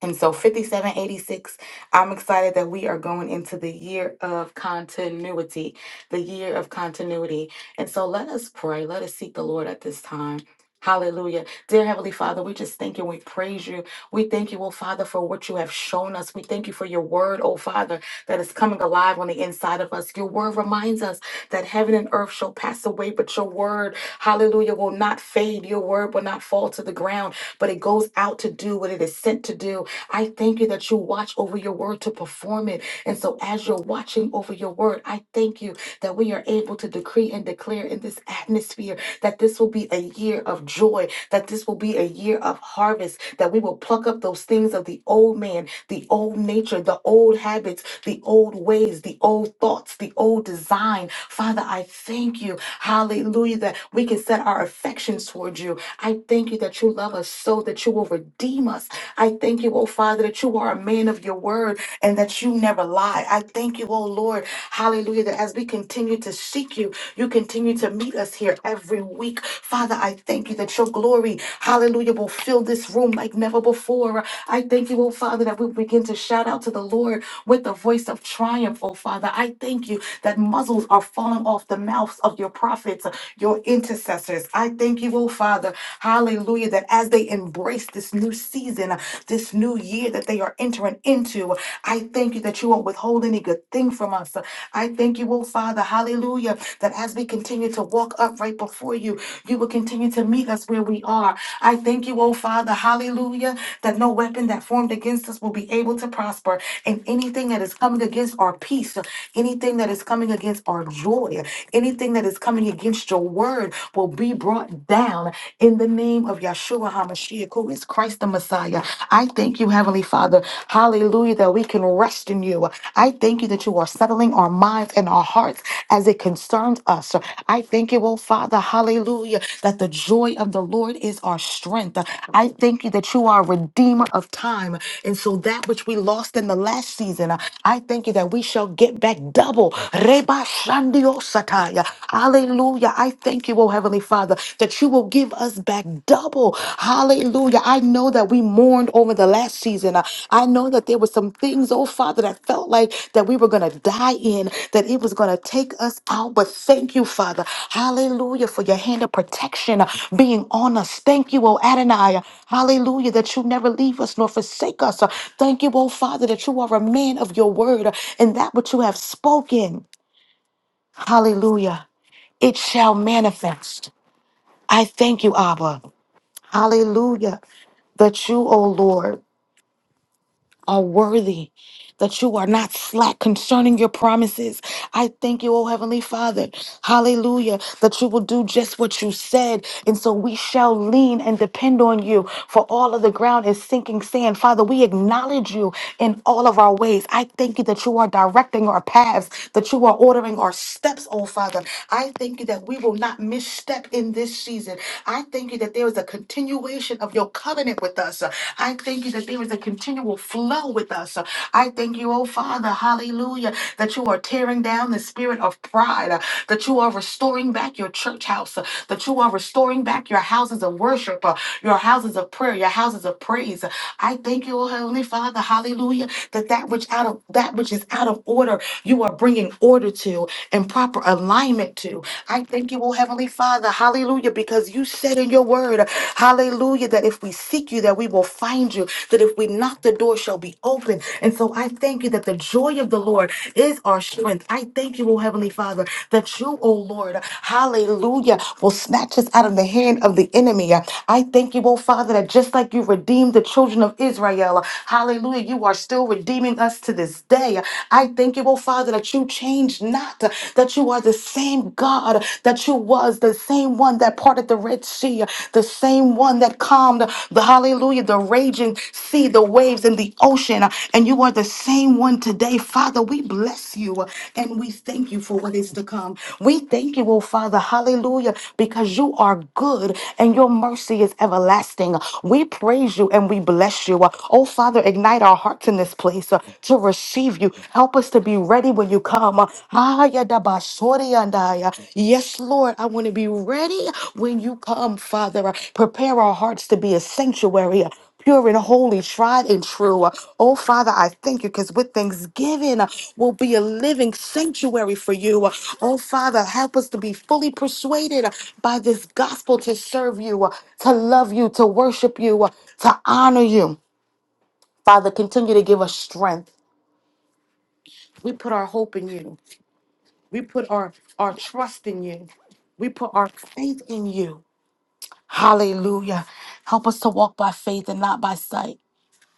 A: and so 5786, I'm excited that we are going into the year of continuity, the year of continuity. And so let us pray. Let us seek the Lord at this time. Hallelujah. Dear Heavenly Father, we just thank you. We praise you. We thank you, oh Father, for what you have shown us. We thank you for your word, oh Father, that is coming alive on the inside of us. Your word reminds us that heaven and earth shall pass away, but your word, hallelujah, will not fade. Your word will not fall to the ground, but it goes out to do what it is sent to do. I thank you that you watch over your word to perform it. And so, as you're watching over your word, I thank you that we are able to decree and declare in this atmosphere that this will be a year of joy, that this will be a year of harvest, that we will pluck up those things of the old man the old nature, the old habits, the old ways, the old thoughts, the old design. Father, I thank you, hallelujah, that we can set our affections towards you. I thank you that you love us so that you will redeem us. I thank you, oh Father, that you are a man of your word and that you never lie. I thank you, oh Lord, hallelujah, that as we continue to seek you, you continue to meet us here every week. Father, I thank you that that your glory, hallelujah, will fill this room like never before. I thank you, oh Father, that we begin to shout out to the Lord with the voice of triumph, oh Father. I thank you that muzzles are falling off the mouths of your prophets, your intercessors. I thank you, oh Father, hallelujah, that as they embrace this new season, this new year that they are entering into, I thank you that you won't withhold any good thing from us. I thank you, oh oh Father, hallelujah, that as we continue to walk upright before you, you will continue to meet us where we are. I thank you, oh Father, hallelujah, that no weapon that formed against us will be able to prosper, and anything that is coming against our peace, anything that is coming against our joy, anything that is coming against your word will be brought down in the name of Yeshua HaMashiach, who is Christ the Messiah. I thank you, Heavenly Father. Father. Hallelujah, that we can rest in you. I thank you that you are settling our minds and our hearts as it concerns us. I thank you, oh Father, hallelujah, that the joy of the Lord is our strength. I thank you that you are a redeemer of time. And so that which we lost in the last season, I thank you that we shall get back double. Reba Shandio Sataya. Hallelujah. I thank you, oh Heavenly Father, that you will Give us back double. Hallelujah. I know that we mourned over the last season. Uh, I know that there were some things, oh Father, that felt like that we were going to die in, that it was going to take us out. But thank you, Father. Hallelujah, for your hand of protection uh, being on us. Thank you, oh Adonai. Hallelujah, that you never leave us nor forsake us. Uh, Thank you, oh Father, that you are a man of your word uh, and that which you have spoken. Hallelujah. It shall manifest. I thank you, Abba. Hallelujah. That you, O Lord, are worthy, that you are not slack concerning your promises. I thank you, O Heavenly Father. Hallelujah, that you will do just what you said. And so we shall lean and depend on you, for all of the ground is sinking sand. Father, we acknowledge you in all of our ways. I thank you that you are directing our paths, that you are ordering our steps, oh Father. I thank you that we will not misstep in this season. I thank you that there is a continuation of your covenant with us. I thank you that there is a continual flow with us. I thank you, oh Father, hallelujah, that you are tearing down the spirit of pride, uh, that you are restoring back your church house, uh, that you are restoring back your houses of worship, uh, your houses of prayer, your houses of praise. I thank you, oh Heavenly Father, hallelujah, that that which out of that which is out of order, you are bringing order to and proper alignment to. I thank you, oh Heavenly Father, hallelujah, because Jesus, you said in your word, hallelujah, that if we seek you, that we will find you, that if we knock, the door shall be open. And so I thank you that the joy of the Lord is our strength. I thank you, O Heavenly Father, that you, O Lord, hallelujah, will snatch us out of the hand of the enemy. I thank you, O Father, that just like you redeemed the children of Israel, hallelujah, you are still redeeming us to this day. I thank you, O Father, that you change not, that you are the are the same God that you was, the same one that parted the Red Sea, the same one that calmed the hallelujah, the raging sea, the waves and the ocean. And you are the same one today. Father, we bless you and we thank you for what is to come. We thank you, oh Father, hallelujah, because you are good and your mercy is everlasting. We praise you and we bless you. Oh Father, ignite our hearts in this place uh, to receive you you. Help us to be ready when you come. Ah, ya da ba sori and I, uh, Yes, Lord, I want to be ready when you come, Father. Uh, Prepare our hearts to be a sanctuary. uh, Pure and holy, tried and true. Uh, Oh, Father, I thank you because with thanksgiving uh, will be a living sanctuary for you. Uh, Oh, Father, help us to be fully persuaded uh, by this gospel to serve you, uh, to love you, to worship you, uh, to honor you. Father, continue to give us strength. We put our hope in you. We put our, our trust in you. We put our faith in you. Hallelujah. Help us to walk by faith and not by sight.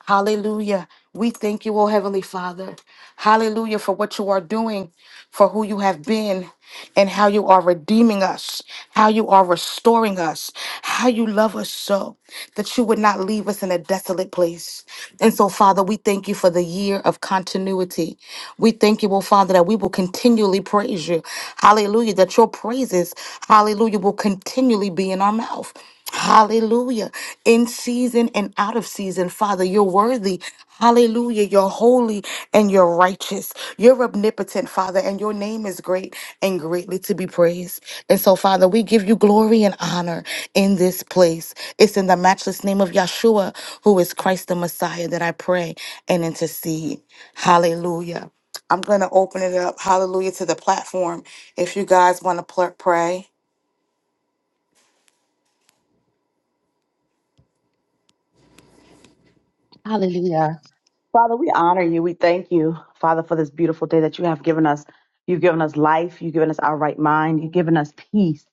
A: Hallelujah. We thank you, O Heavenly Father. Hallelujah for what you are doing, for who you have been, and how you are redeeming us, how you are restoring us, how you love us so that you would not leave us in a desolate place. And so, Father, we thank you for the year of continuity. We thank you, O Father, that we will continually praise you. Hallelujah, that your praises, hallelujah, will continually be in our mouth. Hallelujah. In season and out of season, Father, you're worthy. Hallelujah. You're holy and you're righteous. You're omnipotent, Father, and your name is great and greatly to be praised. And so, Father, we give you glory and honor in this place. It's in the matchless name of Yahshua, who is Christ the Messiah, that I pray and intercede. Hallelujah. I'm going to open it up. Hallelujah to the platform. If you guys want to pray.
E: Hallelujah. Father, we honor you. We thank you, Father, for this beautiful day that you have given us. You've given us life. You've given us our right mind. You've given us peace.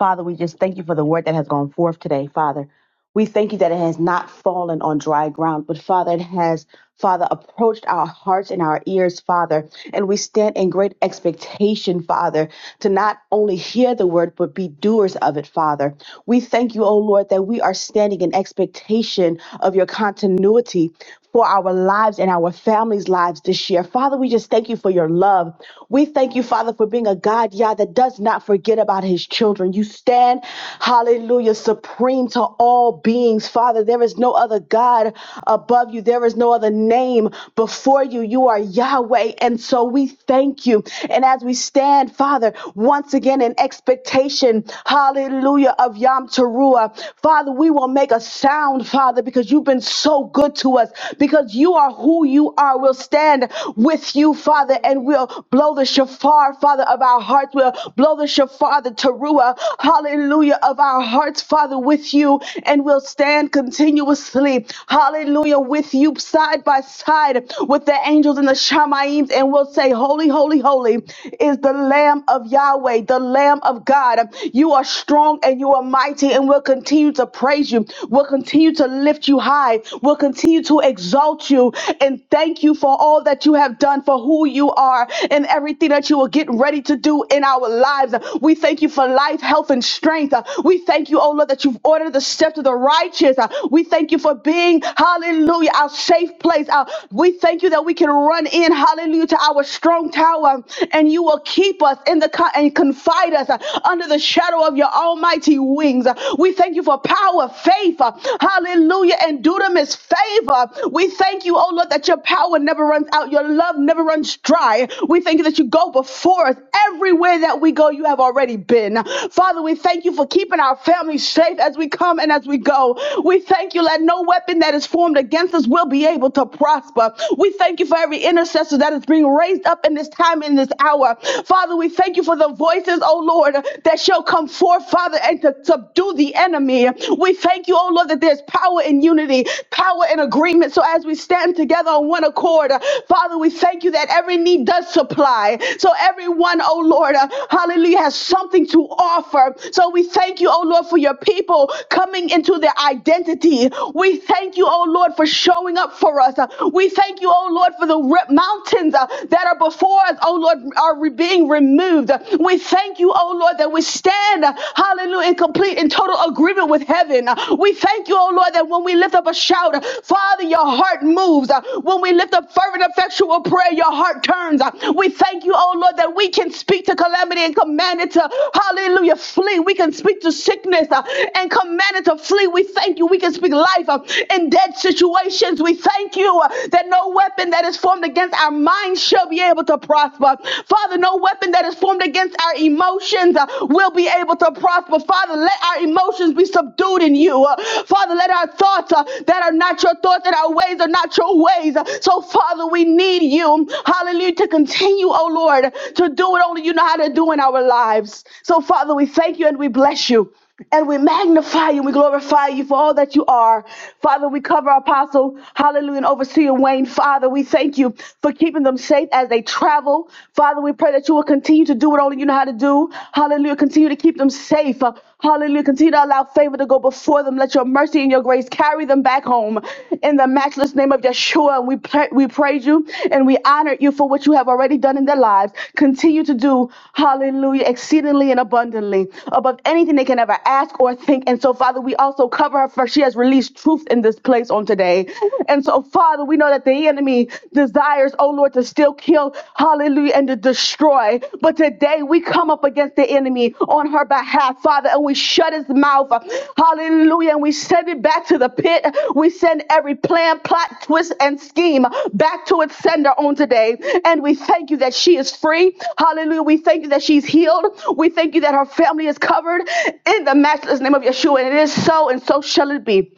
E: Father, we just thank you for the word that has gone forth today, Father. We thank you that it has not fallen on dry ground, but Father, it has Father, approached our hearts and our ears, Father. And we stand in great expectation, Father, to not only hear the word, but be doers of it, Father. We thank you, O Lord, that we are standing in expectation of your continuity for our lives and our families' lives this year. Father, we just thank you for your love. We thank you, Father, for being a God, Yah, that does not forget about his children. You stand, hallelujah, supreme to all beings, Father. There is no other God above you. There is no no other name before you. You are Yahweh. And so we thank you. And as we stand, Father, once again in expectation, hallelujah, of Yom Teruah, Father, we will make a sound, Father, because you've been so good to us, because you are who you are. We'll stand with you, Father, and we'll blow the shofar, Father, of our hearts. We'll blow the shofar, the teruah, hallelujah, of our hearts, Father, with you, and we'll stand continuously, hallelujah, with you you side by side with the angels and the Shamaim and will say, Holy, holy, holy is the Lamb of Yahweh, the Lamb of God. You are strong and you are mighty, and we'll continue to praise you. We'll continue to lift you high. We'll continue to exalt you and thank you for all that you have done, for who you are, and everything that you will get ready to do in our lives. We thank you for life, health, and strength. We thank you, oh Lord, that you've ordered the steps of the righteous. We thank you for being, hallelujah hallelujah, our safe place. Our, we thank you that we can run in, hallelujah, to our strong tower, and you will keep us in the co- and confide us uh, under the shadow of your almighty wings. Uh, We thank you for power, faith, uh, hallelujah, and dunamis favor. We thank you, oh Lord, that your power never runs out, your love never runs dry. We thank you that you go before us everywhere that we go. You have already been, Father. We thank you for keeping our families safe as we come and as we go. We thank you. Let no weapon that is formed formed against us will be able to prosper. We thank you for every intercessor that is being raised up in this time, in this hour. Father, we thank you for the voices, oh Lord, that shall come forth, Father, and to subdue the enemy. We thank you, oh Lord, that there's power in unity, power in agreement. So as we stand together on one accord, uh, Father, we thank you that every need does supply. So everyone, oh Lord, uh, hallelujah, has something to offer. So we thank you, oh Lord, for your people coming into their identity. We thank you, oh oh Lord, for showing up for us. Uh, We thank you, oh Lord, for the re- mountains uh, that are before us, oh Lord, are re- being removed. Uh, We thank you, oh Lord, that we stand, uh, hallelujah, in complete and total agreement with heaven. Uh, We thank you, oh Lord, that when we lift up a shout, uh, Father, your heart moves. Uh, When we lift up fervent, effectual prayer, your heart turns. Uh, We thank you, oh Lord, that we can speak to calamity and command it to, hallelujah, flee. We can speak to sickness uh, and command it to flee. We thank you. We can speak life uh, in in dead situations. We thank you uh, that no weapon that is formed against our minds shall be able to prosper. Father, no weapon that is formed against our emotions uh, will be able to prosper. Father, let our emotions be subdued in you. Uh, Father, let our thoughts uh, that are not your thoughts and our ways are not your ways. Uh, So, Father, we need you, hallelujah, to continue, oh Lord, to do what only you know how to do in our lives. So, Father, we thank you and we bless you. And we magnify you, we glorify you for all that you are. Father, we cover our apostle, hallelujah, and overseer Wayne. Father, we thank you for keeping them safe as they travel. Father, we pray that you will continue to do what only you know how to do. Hallelujah, continue to keep them safe. Uh, Hallelujah, continue to allow favor to go before them. Let your mercy and your grace carry them back home. In the matchless name of Yeshua. Yeshua, and we, pra- we praise you and we honor you for what you have already done in their lives. Continue to do, hallelujah, exceedingly and abundantly above anything they can ever ask or think. And so, Father, we also cover her for she has released truth in this place on today. And so, Father, we know that the enemy desires, oh Lord, to still kill, hallelujah, and to destroy. But today, we come up against the enemy on her behalf, Father, and we shut his mouth. Hallelujah. And we send it back to the pit. We send every plan, plot, twist, and scheme back to its sender on today. And we thank you that she is free. Hallelujah. We thank you that she's healed. We thank you that her family is covered in the matchless name of Yeshua. And it is so, and so shall it be.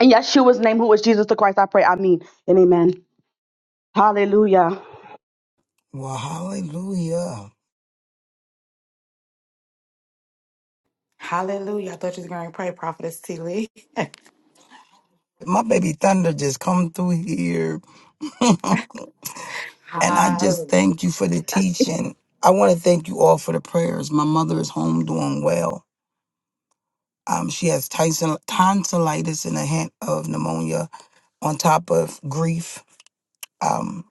E: In Yeshua's name, who is Jesus the Christ, I pray. I mean, and amen. Hallelujah.
D: Well, hallelujah.
A: Hallelujah. I thought you was going to pray, Prophetess T. Lee.
D: My baby Thunder just come through here. and I just
A: Hallelujah.
D: thank you for the teaching. I want to thank you all for the prayers. My mother is home doing well. Um, she has tonsil- tonsillitis and a hint of pneumonia on top of grief. Um,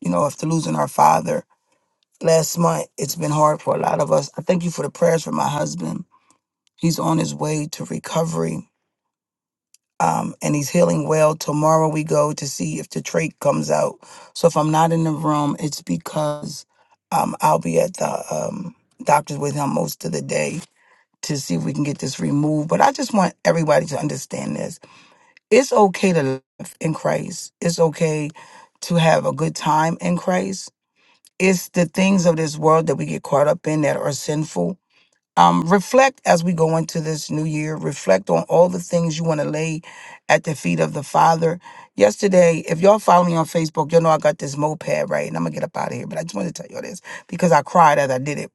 D: you know, after losing our father last month, it's been hard for a lot of us. I thank you for the prayers for my husband. He's on his way to recovery um, and he's healing well. Tomorrow we go to see if the trait comes out. So if I'm not in the room, it's because um, I'll be at the um, doctor's with him most of the day to see if we can get this removed. But I just want everybody to understand this. It's okay to live in Christ. It's okay to have a good time in Christ. It's the things of this world that we get caught up in that are sinful um, reflect as we go into this new year. Reflect on all the things you want to lay at the feet of the Father. Yesterday, if y'all follow me on Facebook, you'll know I got this moped, right? And I'm going to get up out of here, but I just wanted to tell y'all this because I cried as I did it.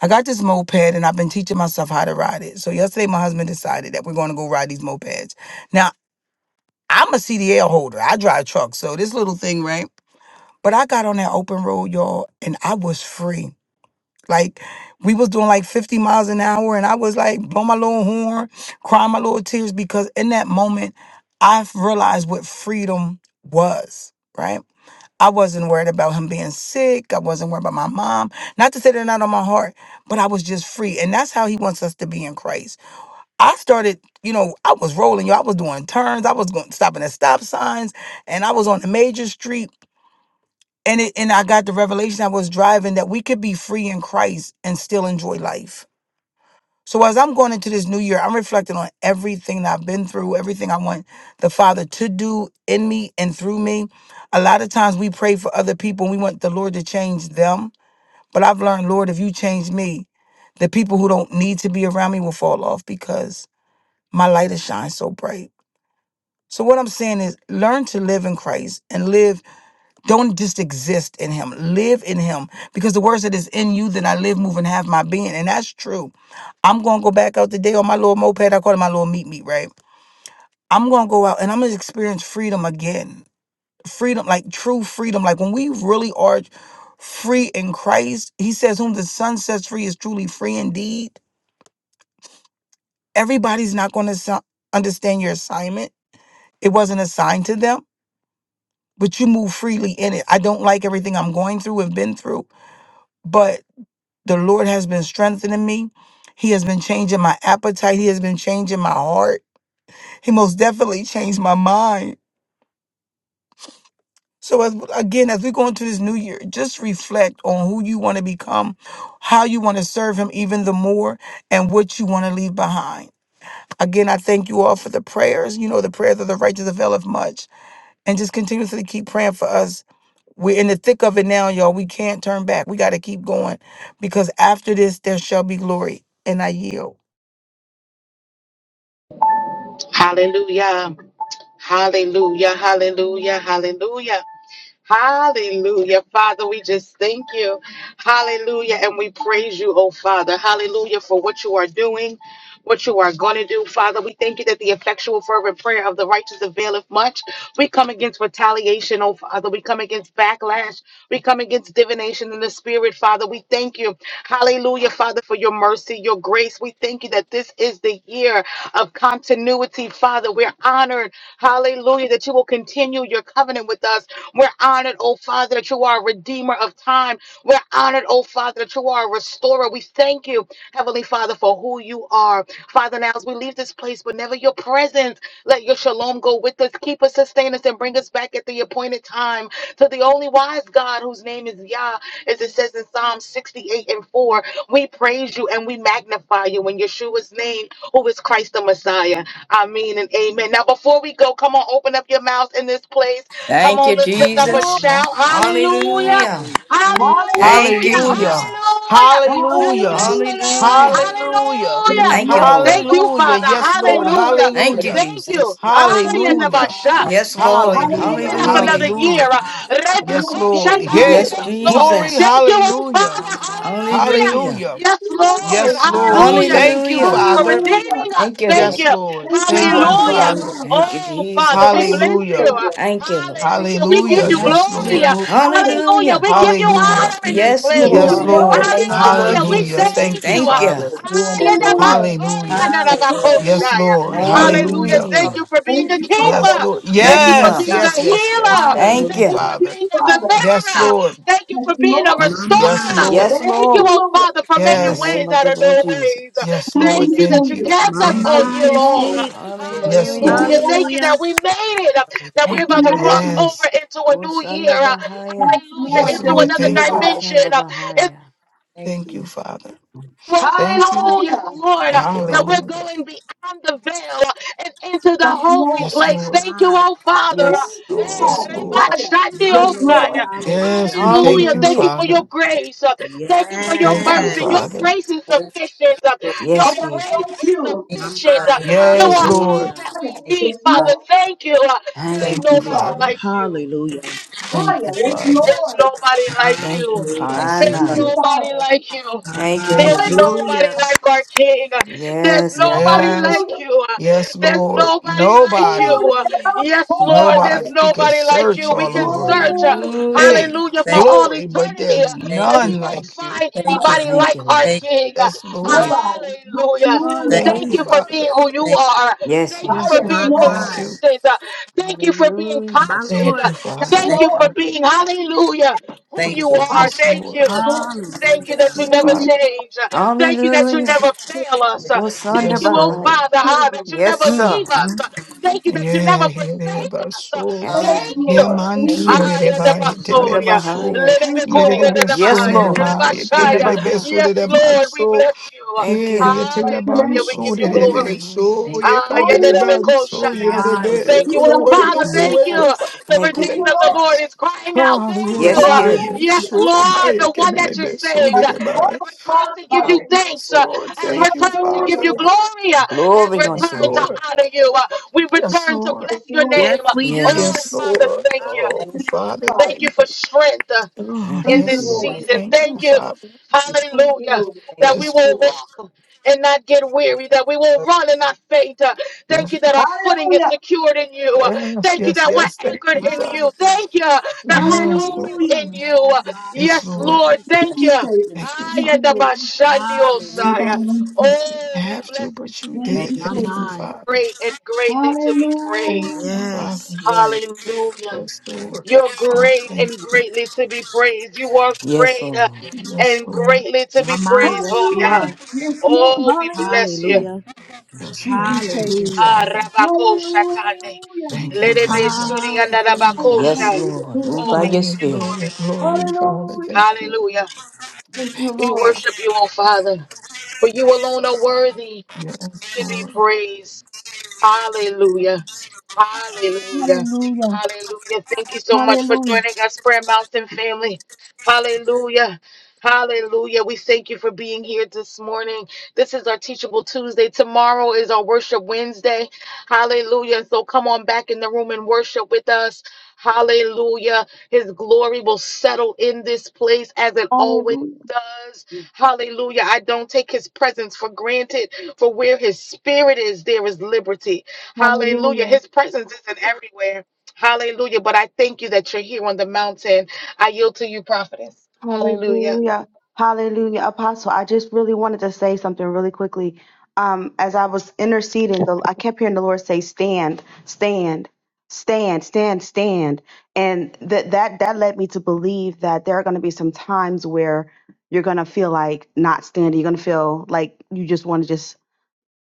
D: I got this moped and I've been teaching myself how to ride it. So yesterday, my husband decided that we're going to go ride these mopeds. Now, I'm a CDL holder, I drive trucks. So this little thing, right? But I got on that open road, y'all, and I was free. Like we was doing like 50 miles an hour and I was like blow my little horn, cry my little tears because in that moment I realized what freedom was, right? I wasn't worried about him being sick. I wasn't worried about my mom. Not to say they're not on my heart, but I was just free. And that's how he wants us to be in Christ. I started, you know, I was rolling, you I was doing turns. I was going stopping at stop signs and I was on the major street and it and I got the revelation I was driving that we could be free in Christ and still enjoy life. So as I'm going into this new year, I'm reflecting on everything that I've been through, everything I want the Father to do in me and through me. A lot of times we pray for other people and we want the Lord to change them. But I've learned, Lord, if you change me, the people who don't need to be around me will fall off because my light has shined so bright. So what I'm saying is learn to live in Christ and live don't just exist in him. Live in him. Because the words that is in you, then I live, move, and have my being. And that's true. I'm gonna go back out today on my little moped. I call it my little meat meat, right? I'm gonna go out and I'm gonna experience freedom again. Freedom, like true freedom. Like when we really are free in Christ, he says, Whom the Son sets free is truly free indeed. Everybody's not gonna so- understand your assignment. It wasn't assigned to them, but you move freely in it. I don't like everything I'm going through and been through. But The Lord has been strengthening me. He has been changing my appetite. He has been changing my heart. He most definitely changed my mind. So as, again, as we go into this new year, just reflect on who you want to become, how you want to serve him even the more, and what you want to leave behind. Again, I thank you all for the prayers. You know, the prayers of the righteous availeth much. And just continuously keep praying for us. We're in the thick of it now, y'all. We can't turn back. We got to keep going because after this, there shall be glory. And I yield.
A: Hallelujah. Hallelujah. Hallelujah. Hallelujah. Hallelujah. Father, we just thank you. Hallelujah. And we praise you, oh Father. Hallelujah for what you are doing, what you are going to do. Father, we thank you that the effectual, fervent prayer of the righteous availeth much. We come against retaliation, oh Father. We come against backlash. We come against divination in the spirit, Father. We thank you. Hallelujah, Father, for your mercy, your grace. We thank you that this is the year of continuity, Father. We're honored. Hallelujah, that you will continue your covenant with us. We're honored, oh Father, that you are a redeemer of time. We're honored, oh Father, that you are a restorer. We thank you, Heavenly Father, for who you are. Father, now as we leave this place, whenever your presence, let your shalom go with us. Keep us, sustain us, and bring us back at the appointed time to the only wise God whose name is Yah, as it says in Psalm 68 and 4. We praise you and we magnify you in Yeshua's name, who is Christ the Messiah. Amen and amen. Now, before we go, come on, open up your mouths in this place. Come
F: Thank
A: on,
F: you,
A: let's lift up a
F: Jesus.
A: shout. Hallelujah.
F: Hallelujah.
E: Hallelujah.
F: Thank you,
A: Hallelujah.
D: Hallelujah.
F: Jesus.
A: Hallelujah. Let's
D: Hallelujah.
A: bless the
E: Hallelujah.
A: Lord.
F: Hallelujah.
D: Hallelujah.
E: Yes,
A: Hallelujah.
B: Hallelujah.
F: Thank you,
E: Lord.
A: Thank
F: Lord.
A: you,
D: Hallelujah.
A: Father.
D: Yes, Lord.
E: Lord, I
A: Hallelujah.
F: Thank you,
D: Hallelujah.
A: Thank
B: Thank
A: you.
F: Jesus.
E: thank you.
D: Hallelujah.
A: Ayadabasha.
F: Yes,
A: Thank you for
F: Lord.
D: Hallelujah.
A: keeping us
E: Hallelujah.
A: another
F: Hallelujah.
A: year.
D: Hallelujah.
A: Uh,
D: Yes,
E: Lord,
D: Lord.
E: thank you,
D: Hey,
F: Yes,
G: Hallelujah.
E: Lord.
A: Rebakoshatandebeso.
D: glory.
F: Jesus.
A: Thank you,
B: you.
A: oh
D: Hallelujah.
A: Father.
G: My, my,
A: Hallelujah.
G: hallelujah.
F: Hallelujah.
D: Hallelujah.
A: Yes, Lord.
E: Lord,
D: Yes, Lord. We
A: Hallelujah.
G: Hallelujah.
D: thank you,
A: Thank you
F: Hallelujah.
A: for
D: Father.
G: Hallelujah.
E: hallelujah.
A: redeeming us.
F: Thank you,
A: Thank
B: Thank
D: Yes,
F: Lord.
A: you.
D: Lord.
E: Thank you,
D: Thank
E: Lord,
B: you.
D: you,
E: for your
A: Hallelujah.
D: Father.
G: Hallelujah.
E: love.
F: Thank you,
A: Oh, Father, we
E: Thank
F: Jesus.
E: you,
A: bless you.
D: Hallelujah.
A: Uh,
E: Savior. Thank
F: Thank you, Lord.
B: Thank
A: Hallelujah. We
E: you,
A: give
E: Lord.
D: Hallelujah.
A: you
D: Yes,
G: Yes, we
B: you.
A: glory.
G: do.
D: Lord.
A: Uh,
B: Lord.
E: Hallelujah.
A: Hallelujah.
F: Hallelujah.
A: We
E: Oh,
A: give you
D: Hallelujah.
A: honor
G: Yes,
A: in
G: we
A: this
G: do.
F: Yes,
E: we give
B: You
A: place. Uh,
D: Yes,
B: are
E: you
F: Lord. In the
D: Lord.
B: holy.
E: glory.
F: name of the Lord
A: Hallelujah. We
D: Hallelujah.
G: Hallelujah.
F: Jesus,
B: Thank you
F: we
A: thank
D: Thank you,
B: God,
A: you.
F: thank you.
B: you
D: Father.
B: for doing it, Lord.
E: Hallelujah.
A: Uh,
D: Hallelujah.
E: We
B: Thank
G: Hallelujah.
B: you.
E: praise.
D: Yes, Lord.
B: Thank you.
E: Hallelujah.
A: Hallelujah.
D: Hallelujah.
A: Thank
B: Father.
F: Hallelujah.
A: you for being
E: Thank
A: a
E: you,
A: keeper.
D: Yes,
E: Father.
D: Lord.
A: Thank
B: Hallelujah.
F: Yes,
A: you for
G: No
D: Yes,
F: sir.
A: being a
D: yes,
G: stopping.
D: yes, yes.
A: healer.
D: Thank
G: Hallelujah.
B: Thank
F: Thank
D: you,
A: Thank
F: you.
A: you
E: Thank
A: for
E: you,
D: Father.
A: being a
E: Father.
D: Yes,
A: deliverer.
B: you.
D: Lord.
A: Thank you for
E: Thank you,
A: being a
E: Lord.
G: My
A: restorer.
D: Yes,
G: mind.
F: Yes,
D: Lord.
E: Thank
A: Thank you,
E: you,
F: Lord.
A: oh
E: Lord.
A: Father, for
F: in
A: making
F: the
D: Yes,
A: ways
F: name of
A: out
F: the
A: of
F: Lord
A: no ways.
F: Jesus.
D: yes,
E: Thank
D: Lord.
A: Thank you
E: you,
A: that
D: Thank
A: you
E: Savior.
D: you.
A: kept
G: My
A: us
D: Thank
A: all
E: Thank
D: you.
A: year
G: mind.
E: you,
G: That's
A: long.
E: Lord.
G: it.
B: Thank
D: Yes,
E: Thank
F: Hallelujah.
E: you,
A: Hallelujah.
D: Lord.
A: Thank you
E: Lord.
A: that
G: Hallelujah.
A: we made it,
B: you.
A: that we're
E: That's
F: Thank
E: your
F: you,
A: about to
B: Lord.
E: name.
F: Lord.
A: cross over
D: Yes,
A: into a new year.
F: Gosanda Bahaya.
E: Thank you,
A: Hallelujah.
E: Lord.
D: yes,
A: Into
E: Thank
D: Lord.
A: another
E: you,
D: Thank
F: Ilibo
D: you.
E: Father.
A: dimension,
F: shanda Bahaya.
B: Thank
D: Thank
B: you.
D: you, Father.
A: well,
D: Thank
A: Father,
D: you.
E: Hallelujah.
A: yes, Lord, uh,
F: Thank you,
A: that
G: Hallelujah.
F: Lord.
A: we're
D: Hallelujah.
A: going beyond the veil uh, and into the
E: Yes,
A: holy
E: Lord.
D: Yes,
A: place.
G: My
D: Lord.
A: Thank you,
G: mind.
A: oh Father. uh,
F: Yes,
E: Thank you,
A: eh,
F: Lord.
D: Yes,
E: Father.
A: reba
D: Lord.
B: Father.
E: Fire.
A: shandi
G: My
E: Yes,
G: Lord.
E: Lord.
B: Thank you,
D: Yes,
G: Hallelujah.
D: we thank
A: Hallelujah.
D: you,
A: Thank
F: Hallelujah.
A: you for your
D: Father.
A: grace. uh, Thank you for your
D: Thank
E: Thank
D: you,
A: mercy.
G: Yes.
A: Your
E: you.
D: Father.
A: grace is
B: Holy
A: sufficient. uh,
B: Spirit.
A: Your
F: Yes,
E: Nobody
A: grace
E: like
A: is
F: Jesus.
E: you.
B: Thank
G: My
B: you,
A: sufficient. uh,
B: Father.
G: mind.
A: You
D: Yes,
A: are all
G: Hallelujah.
D: Lord.
A: that we
E: Fire.
B: Thank you,
A: need,
E: Yes,
A: Father.
E: Lord.
A: Thank you. uh,
B: Father.
F: Thank
A: There's
F: you,
B: Thank
D: Thank you,
B: you.
A: nobody
F: Jesus.
E: Fire.
D: Father.
A: like you.
G: Hallelujah.
E: Fire.
D: Thank you,
E: Yes,
D: Father.
A: There's
E: Lord.
A: nobody like
D: Thank you,
A: you.
G: Hallelujah.
B: Thank
D: kind
F: My,
B: you,
A: There's
E: Thank
B: Father.
F: my.
E: you,
D: Savior.
A: nobody
E: Father.
A: like you.
F: Thank you,
A: There's
D: Thank
F: Jesus.
D: you.
E: Hallelujah.
A: nobody
G: Hallelujah.
A: like our King. There's
F: Yes, God.
A: nobody
D: Yes.
E: Hallelujah.
A: like you.
D: Yes,
A: There's
D: Lord.
A: nobody like
D: Nobody,
E: Hallelujah.
A: you.
G: Hallelujah.
A: Yes, Lord, there's
E: Hallelujah.
D: nobody. We could
A: nobody like you.
D: search
A: We
G: My
D: all
A: can
D: over, but
G: Lord,
A: search, uh,
E: Hallelujah.
D: hey,
F: Hallelujah.
G: hallelujah.
A: hallelujah, for
B: Thank,
A: all
D: glory, but
A: eternity, uh,
D: there's
B: thank
A: but
B: you.
A: we
D: none
A: won't
D: like you.
A: find
B: Thank
E: Father.
B: you.
A: anybody
E: Thank
F: Thank
A: like
F: you,
A: our
F: Lord.
B: Thank
A: King.
D: Yes,
B: you.
D: Lord.
E: Nobody.
A: Hallelujah.
B: Thank,
D: Thank
E: Hallelujah.
A: Thank
D: you,
A: you
G: Hallelujah.
A: for being
D: Father.
A: who you
B: thank,
A: are.
F: Yes,
A: Thank you
E: Fire.
F: Jesus.
D: Yes,
A: for
E: Yes,
G: My
A: being
D: Lord.
E: Lord.
D: Thank you.
G: mind.
A: consistent. Uh, Thank you for being
F: Hallelujah.
G: My
A: constant.
D: Thank
A: Uh,
D: you,
G: Lord.
D: Father.
F: Thank
A: Thank
F: you,
B: thank,
A: you
F: God.
E: Lord.
A: for being, hallelujah, who
F: Thank
B: thank
F: you
A: you
B: you.
F: for a
E: Fire.
A: are.
F: good.
D: Yes,
F: day.
A: Thank
D: Lord.
A: you.
B: Thank you,
E: Lord.
B: Father.
A: Thank you
G: Hallelujah.
D: Thank
A: that you
D: you,
E: Thank
A: never
E: you.
D: Father.
A: change. Uh, Thank you that you
F: Hallelujah.
A: never fail us. Uh,
F: Gosanda
A: Thank you,
D: Yes,
A: oh
D: Lord.
F: Bahaya.
A: Father, ah, that you
E: Yes,
F: Yes,
A: never
G: Mm,
F: sir.
A: leave us. Uh,
G: mm,
A: Thank you that you never
D: Yeah,
A: forsake
D: yereba
A: us. Uh,
D: so
F: Yes,
A: Thank
F: Lord.
A: you.
D: ye
B: Hallelujah.
E: Lord.
D: man
B: Thank,
E: Thank
D: so
E: you.
A: Ah,
G: mm.
A: yeah, the
D: reba ye
F: Under
D: telebe
A: Basoria.
D: so
B: thank you,
F: Bahaya.
A: Lele
E: Thank you,
B: Father.
E: Lord.
D: yerebe
A: the
D: so
F: Yes,
A: Bahaya,
D: ne
F: Lord.
A: the
F: It
B: Glory.
D: ma ye
F: goes under
A: Bashaya.
D: telebe
F: Bahaya.
D: so
A: Yes,
D: ne ma
A: Lord, we
D: so
A: bless you.
F: Thank you.
D: here ye
F: It
E: Bless your
D: teleban
A: Hallelujah.
E: name.
A: We
D: so
A: give
F: Goes
A: you
E: Thank
F: under
E: you.
A: glory.
D: rebe
F: Bahaya.
B: Thank
D: so
B: you.
D: ye
A: Ah,
F: Thank
E: Hallelujah.
D: kadeleban so
G: My
A: Yendelebeko-shaya.
D: yerebe
G: mind.
D: it
B: Hallelujah.
A: Thank
E: We
A: you,
D: could have
A: oh
E: bless
D: went a
E: you,
A: Father.
E: Lord.
D: different
A: Thank
D: way but
A: you.
G: Yes,
D: Father
A: The
D: we
F: you,
E: Thank you,
A: redeemed
D: thank
A: of the
D: you
E: Lord.
A: Lord
F: Jesus.
A: is crying out.
D: ah
A: Thank
D: ye
A: you.
G: Lord,
B: Thank,
F: Yes, He is.
E: Hallelujah.
D: telebe
A: Yes,
G: hallelujah.
D: so ma
A: Lord,
D: ye
A: the one
B: thank,
A: that you
D: telebe so
A: saved
D: ne
E: And
B: thank.
D: ma
A: has
E: God,
A: returned
E: God,
A: to give
B: Hallelujah.
A: you
E: Father.
D: Oh, yes
A: thanks, uh,
D: Lord
A: has
B: Thank
D: thank you
A: returned to give
D: Father
A: you
E: Hallelujah.
A: glory, uh, has
F: Glory
D: yes
F: unto
A: returned to
F: that.
B: you.
D: Lord
A: honor you. Uh, We
D: yes
A: return to
D: Lord
E: It's
A: bless your
E: Lord,
G: Yes,
A: name.
G: we do.
A: Oh,
D: Yes,
F: Yes.
A: Father,
D: Lord.
A: thank you.
B: Thank,
D: Oh,
G: Hallelujah.
D: Father,
A: Thank you
D: thank
E: Father.
A: for
D: you.
A: strength uh,
F: I
D: Lord.
A: in
E: Thank
F: don't
E: you,
A: this
D: yes,
F: do that.
E: Lord.
B: thank
D: Lord.
A: season.
D: Thank you,
A: Thank you,
D: Father.
B: you.
E: Thank you,
A: hallelujah,
E: Lord.
B: Thank
A: that
B: you.
A: we
D: Yes,
A: will
D: Lord.
A: walk and not get weary, that we will
B: Lord.
A: run and not faint. Uh,
B: Thank
A: Thank
B: you.
D: Yes,
A: you that
D: Lord.
A: our footing is
E: Hallelujah.
A: secured in you. Uh,
D: yes,
A: Thank you
D: yes,
A: that
D: yes.
A: we're
D: Thank
A: anchored
D: you,
A: in
G: My
A: you.
D: Father.
G: God.
A: Thank you that
F: Thank you,
A: our
D: Yes,
A: hope
D: Lord.
F: Jesus.
A: is in
E: Hallelujah.
A: you.
G: My
A: Uh,
G: Father.
D: Yes,
A: Yes,
D: Lord.
A: Lord,
G: Yes,
E: Thank
A: thank
E: you,
A: you.
G: Lord.
E: Savior.
D: Thank you,
A: I
E: Thank
D: Father.
A: and
E: you,
A: the
E: Lord.
A: Bashandi
D: I
E: Nobody
G: Hallelujah.
A: Osiah.
E: wants you.
A: Oh, we
D: have
A: bless
D: to, but you
E: Thank
D: did
B: thank
D: it.
E: you,
B: you,
G: My
D: Thank you,
E: Savior.
G: mind.
D: Father.
A: great and greatly to be
D: Thank
A: praised.
D: you,
E: Hallelujah.
G: Yes,
D: Father.
G: yes.
A: Hallelujah.
D: Yes, Lord.
A: You're great
D: Hallelujah.
A: and greatly to be praised. You are
F: Yes,
A: great uh,
F: Lord.
D: Yes,
A: and
D: Lord.
A: greatly to
G: My
A: be
G: mind,
A: praised. Oh,
G: yes, you
A: yeah.
E: Hallelujah.
G: are.
E: Yes, Lord.
A: Oh, we bless
E: Hallelujah.
A: you.
G: Hallelujah.
D: Yes,
F: Mhm.
E: Thank
D: Lord.
E: you,
D: Thank
E: Savior.
D: you,
G: Hallelujah.
A: Ah,
D: Father.
A: Rabako Shatane.
E: Hallelujah.
F: Under
D: Thank you,
A: Ledebe
F: Bahaya.
D: Father.
A: Sudi and
G: Hallelujah.
E: Hallelujah.
F: Yes,
A: Rabakosha.
G: Hallelujah.
F: Lord. Move
A: Oh,
F: by
A: we
F: your
A: give
D: Glory,
A: you
F: spirit.
D: glory,
A: glory.
D: glory, Father.
E: Hallelujah.
D: Thank you.
A: Hallelujah.
E: Thank you,
D: Thank
A: We
E: Lord.
A: worship you, oh Father, for you alone are worthy
D: you. Yes,
A: to be
D: Lord.
A: praised. Hallelujah. Hallelujah.
E: Hallelujah.
A: Hallelujah. Thank you so much for
E: Hallelujah.
A: joining us, Prayer Mountain family. Hallelujah. Hallelujah. We thank you for being here this morning. This is our Teachable Tuesday. Tomorrow is our Worship Wednesday. Hallelujah. So come on back in the room and worship with us. Hallelujah. His glory will settle in this place as it always
E: Hallelujah.
A: does. Hallelujah. I don't take his presence for granted. For where his spirit is, there is liberty.
E: Hall-
A: Hallelujah. His presence isn't everywhere. Hallelujah. But I thank you that you're here on the mountain. I yield to you, prophetess. Hallelujah.
E: Hallelujah. Hallelujah. Apostle, I just really wanted to say something really quickly. Um, as I was interceding, the, I kept hearing the Lord say, stand, stand, stand, stand, stand. And that that that led me to believe that there are gonna be some times where you're gonna feel like not standing. You're gonna feel like you just want to just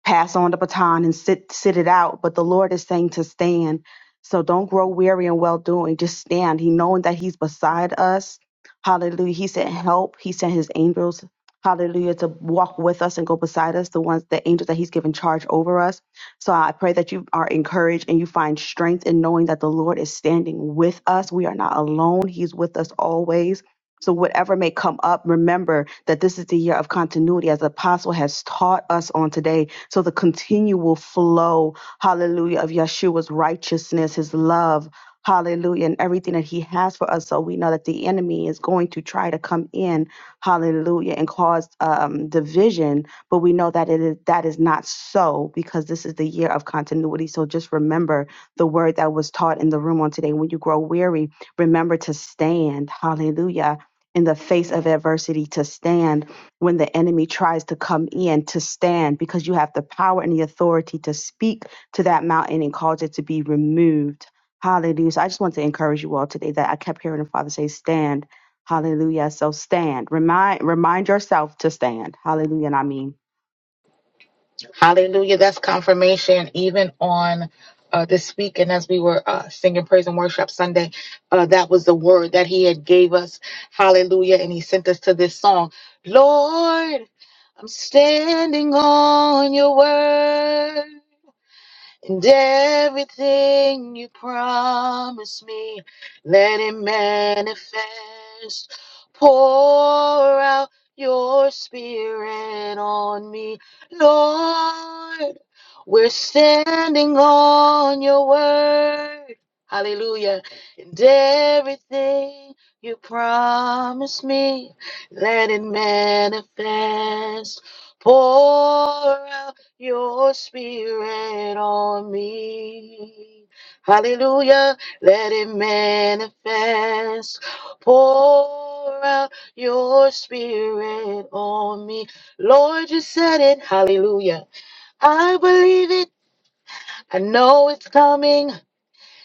E: pass on the baton and sit sit it out. But the Lord is saying to stand. So don't grow weary in well doing. Just stand. He knowing that He's beside us. Hallelujah. He sent help. He sent His angels hallelujah, to walk with us and go beside us, the ones, the angels that He's given charge over us. So I pray that you are encouraged and you find strength in knowing that the Lord is standing with us. We are not alone, He's with us always. So, whatever may come up, remember that this is the year of continuity, as the apostle has taught us on today. So, the continual flow, hallelujah, of Yeshua's righteousness, his love, hallelujah, and everything that he has for us. So, we know that the enemy is going to try to come in hallelujah, and caused um, division. But we know that it is that is not so because this is the year of continuity. So just remember the word that was taught in the room on today. When you grow weary, remember to stand, hallelujah. In the face of adversity, to stand when the enemy tries to come in, to stand because you have the power and the authority to speak to that mountain and cause it to be removed. Hallelujah. So I just want to encourage you all today that I kept hearing the Father say, Stand Hallelujah. So stand. Remind remind yourself to stand. Hallelujah. And I mean
A: Hallelujah. That's confirmation, even on. Uh, this week and as we were uh, singing praise and worship sunday uh, that was the word that he had gave us hallelujah and he sent us to this song lord i'm standing on your word And everything you promise me, let it manifest. Pour out your spirit on me, Lord. We're standing on your word. Hallelujah. And everything you promise me, let it manifest. Pour out your spirit on me. Hallelujah. Let it manifest. Pour out your spirit on me. Lord, you said it. Hallelujah. I believe it. I know it's coming.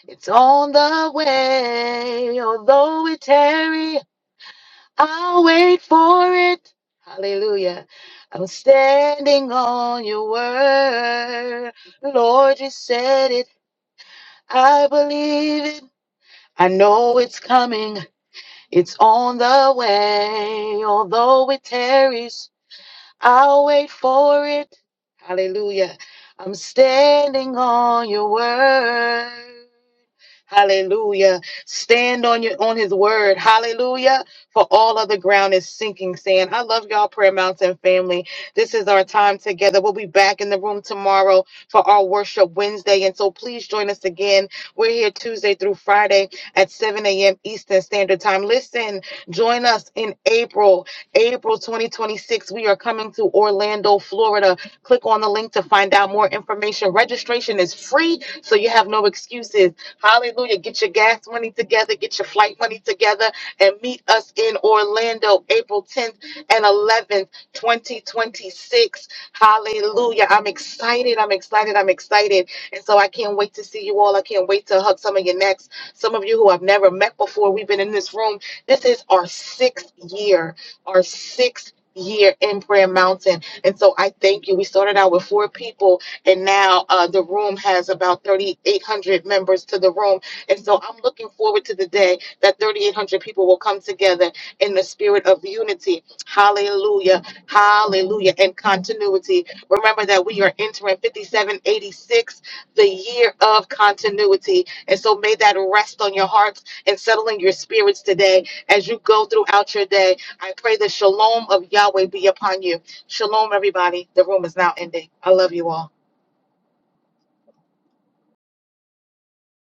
A: It's on the way. Although it tarry. I'll wait for it. Hallelujah. I'm standing on your word. Lord, you said it. I believe it. I know it's coming. It's on the way. Although it tarries, I'll wait for it. Hallelujah. I'm standing on your word. Hallelujah. Stand on your on his word. Hallelujah. For all of the ground is sinking sand. I love y'all, Prayer Mountain family. This is our time together. We'll be back in the room tomorrow for our worship Wednesday. And so please join us again. We're here Tuesday through Friday at 7 a.m. Eastern Standard Time. Listen, join us in April April 2026. We are coming to Orlando, Florida. Click on the link to find out more information. Registration is free, so you have no excuses. Hallelujah. Get your gas money together, get your flight money together, and meet us in Orlando, April 10th and 11th, 2026. Hallelujah. I'm excited. I'm excited. I'm excited. And so I can't wait to see you all. I can't wait to hug some of your necks. Some of you who I've never met before, we've been in this room. This is our sixth year our sixth year in Prayer Mountain. And so I thank you. We started out with four people, and now uh, the room has about 3,800 members to the room. And so I'm looking forward to the day that 3,800 people will come together in the spirit of unity. Hallelujah. Hallelujah. And continuity. Remember that we are entering 5786, the year of continuity. And so may that rest on your hearts and settle in your spirits today as you go throughout your day I pray the shalom of Yahweh be upon you. Shalom, everybody. The room is now ending. I love you all.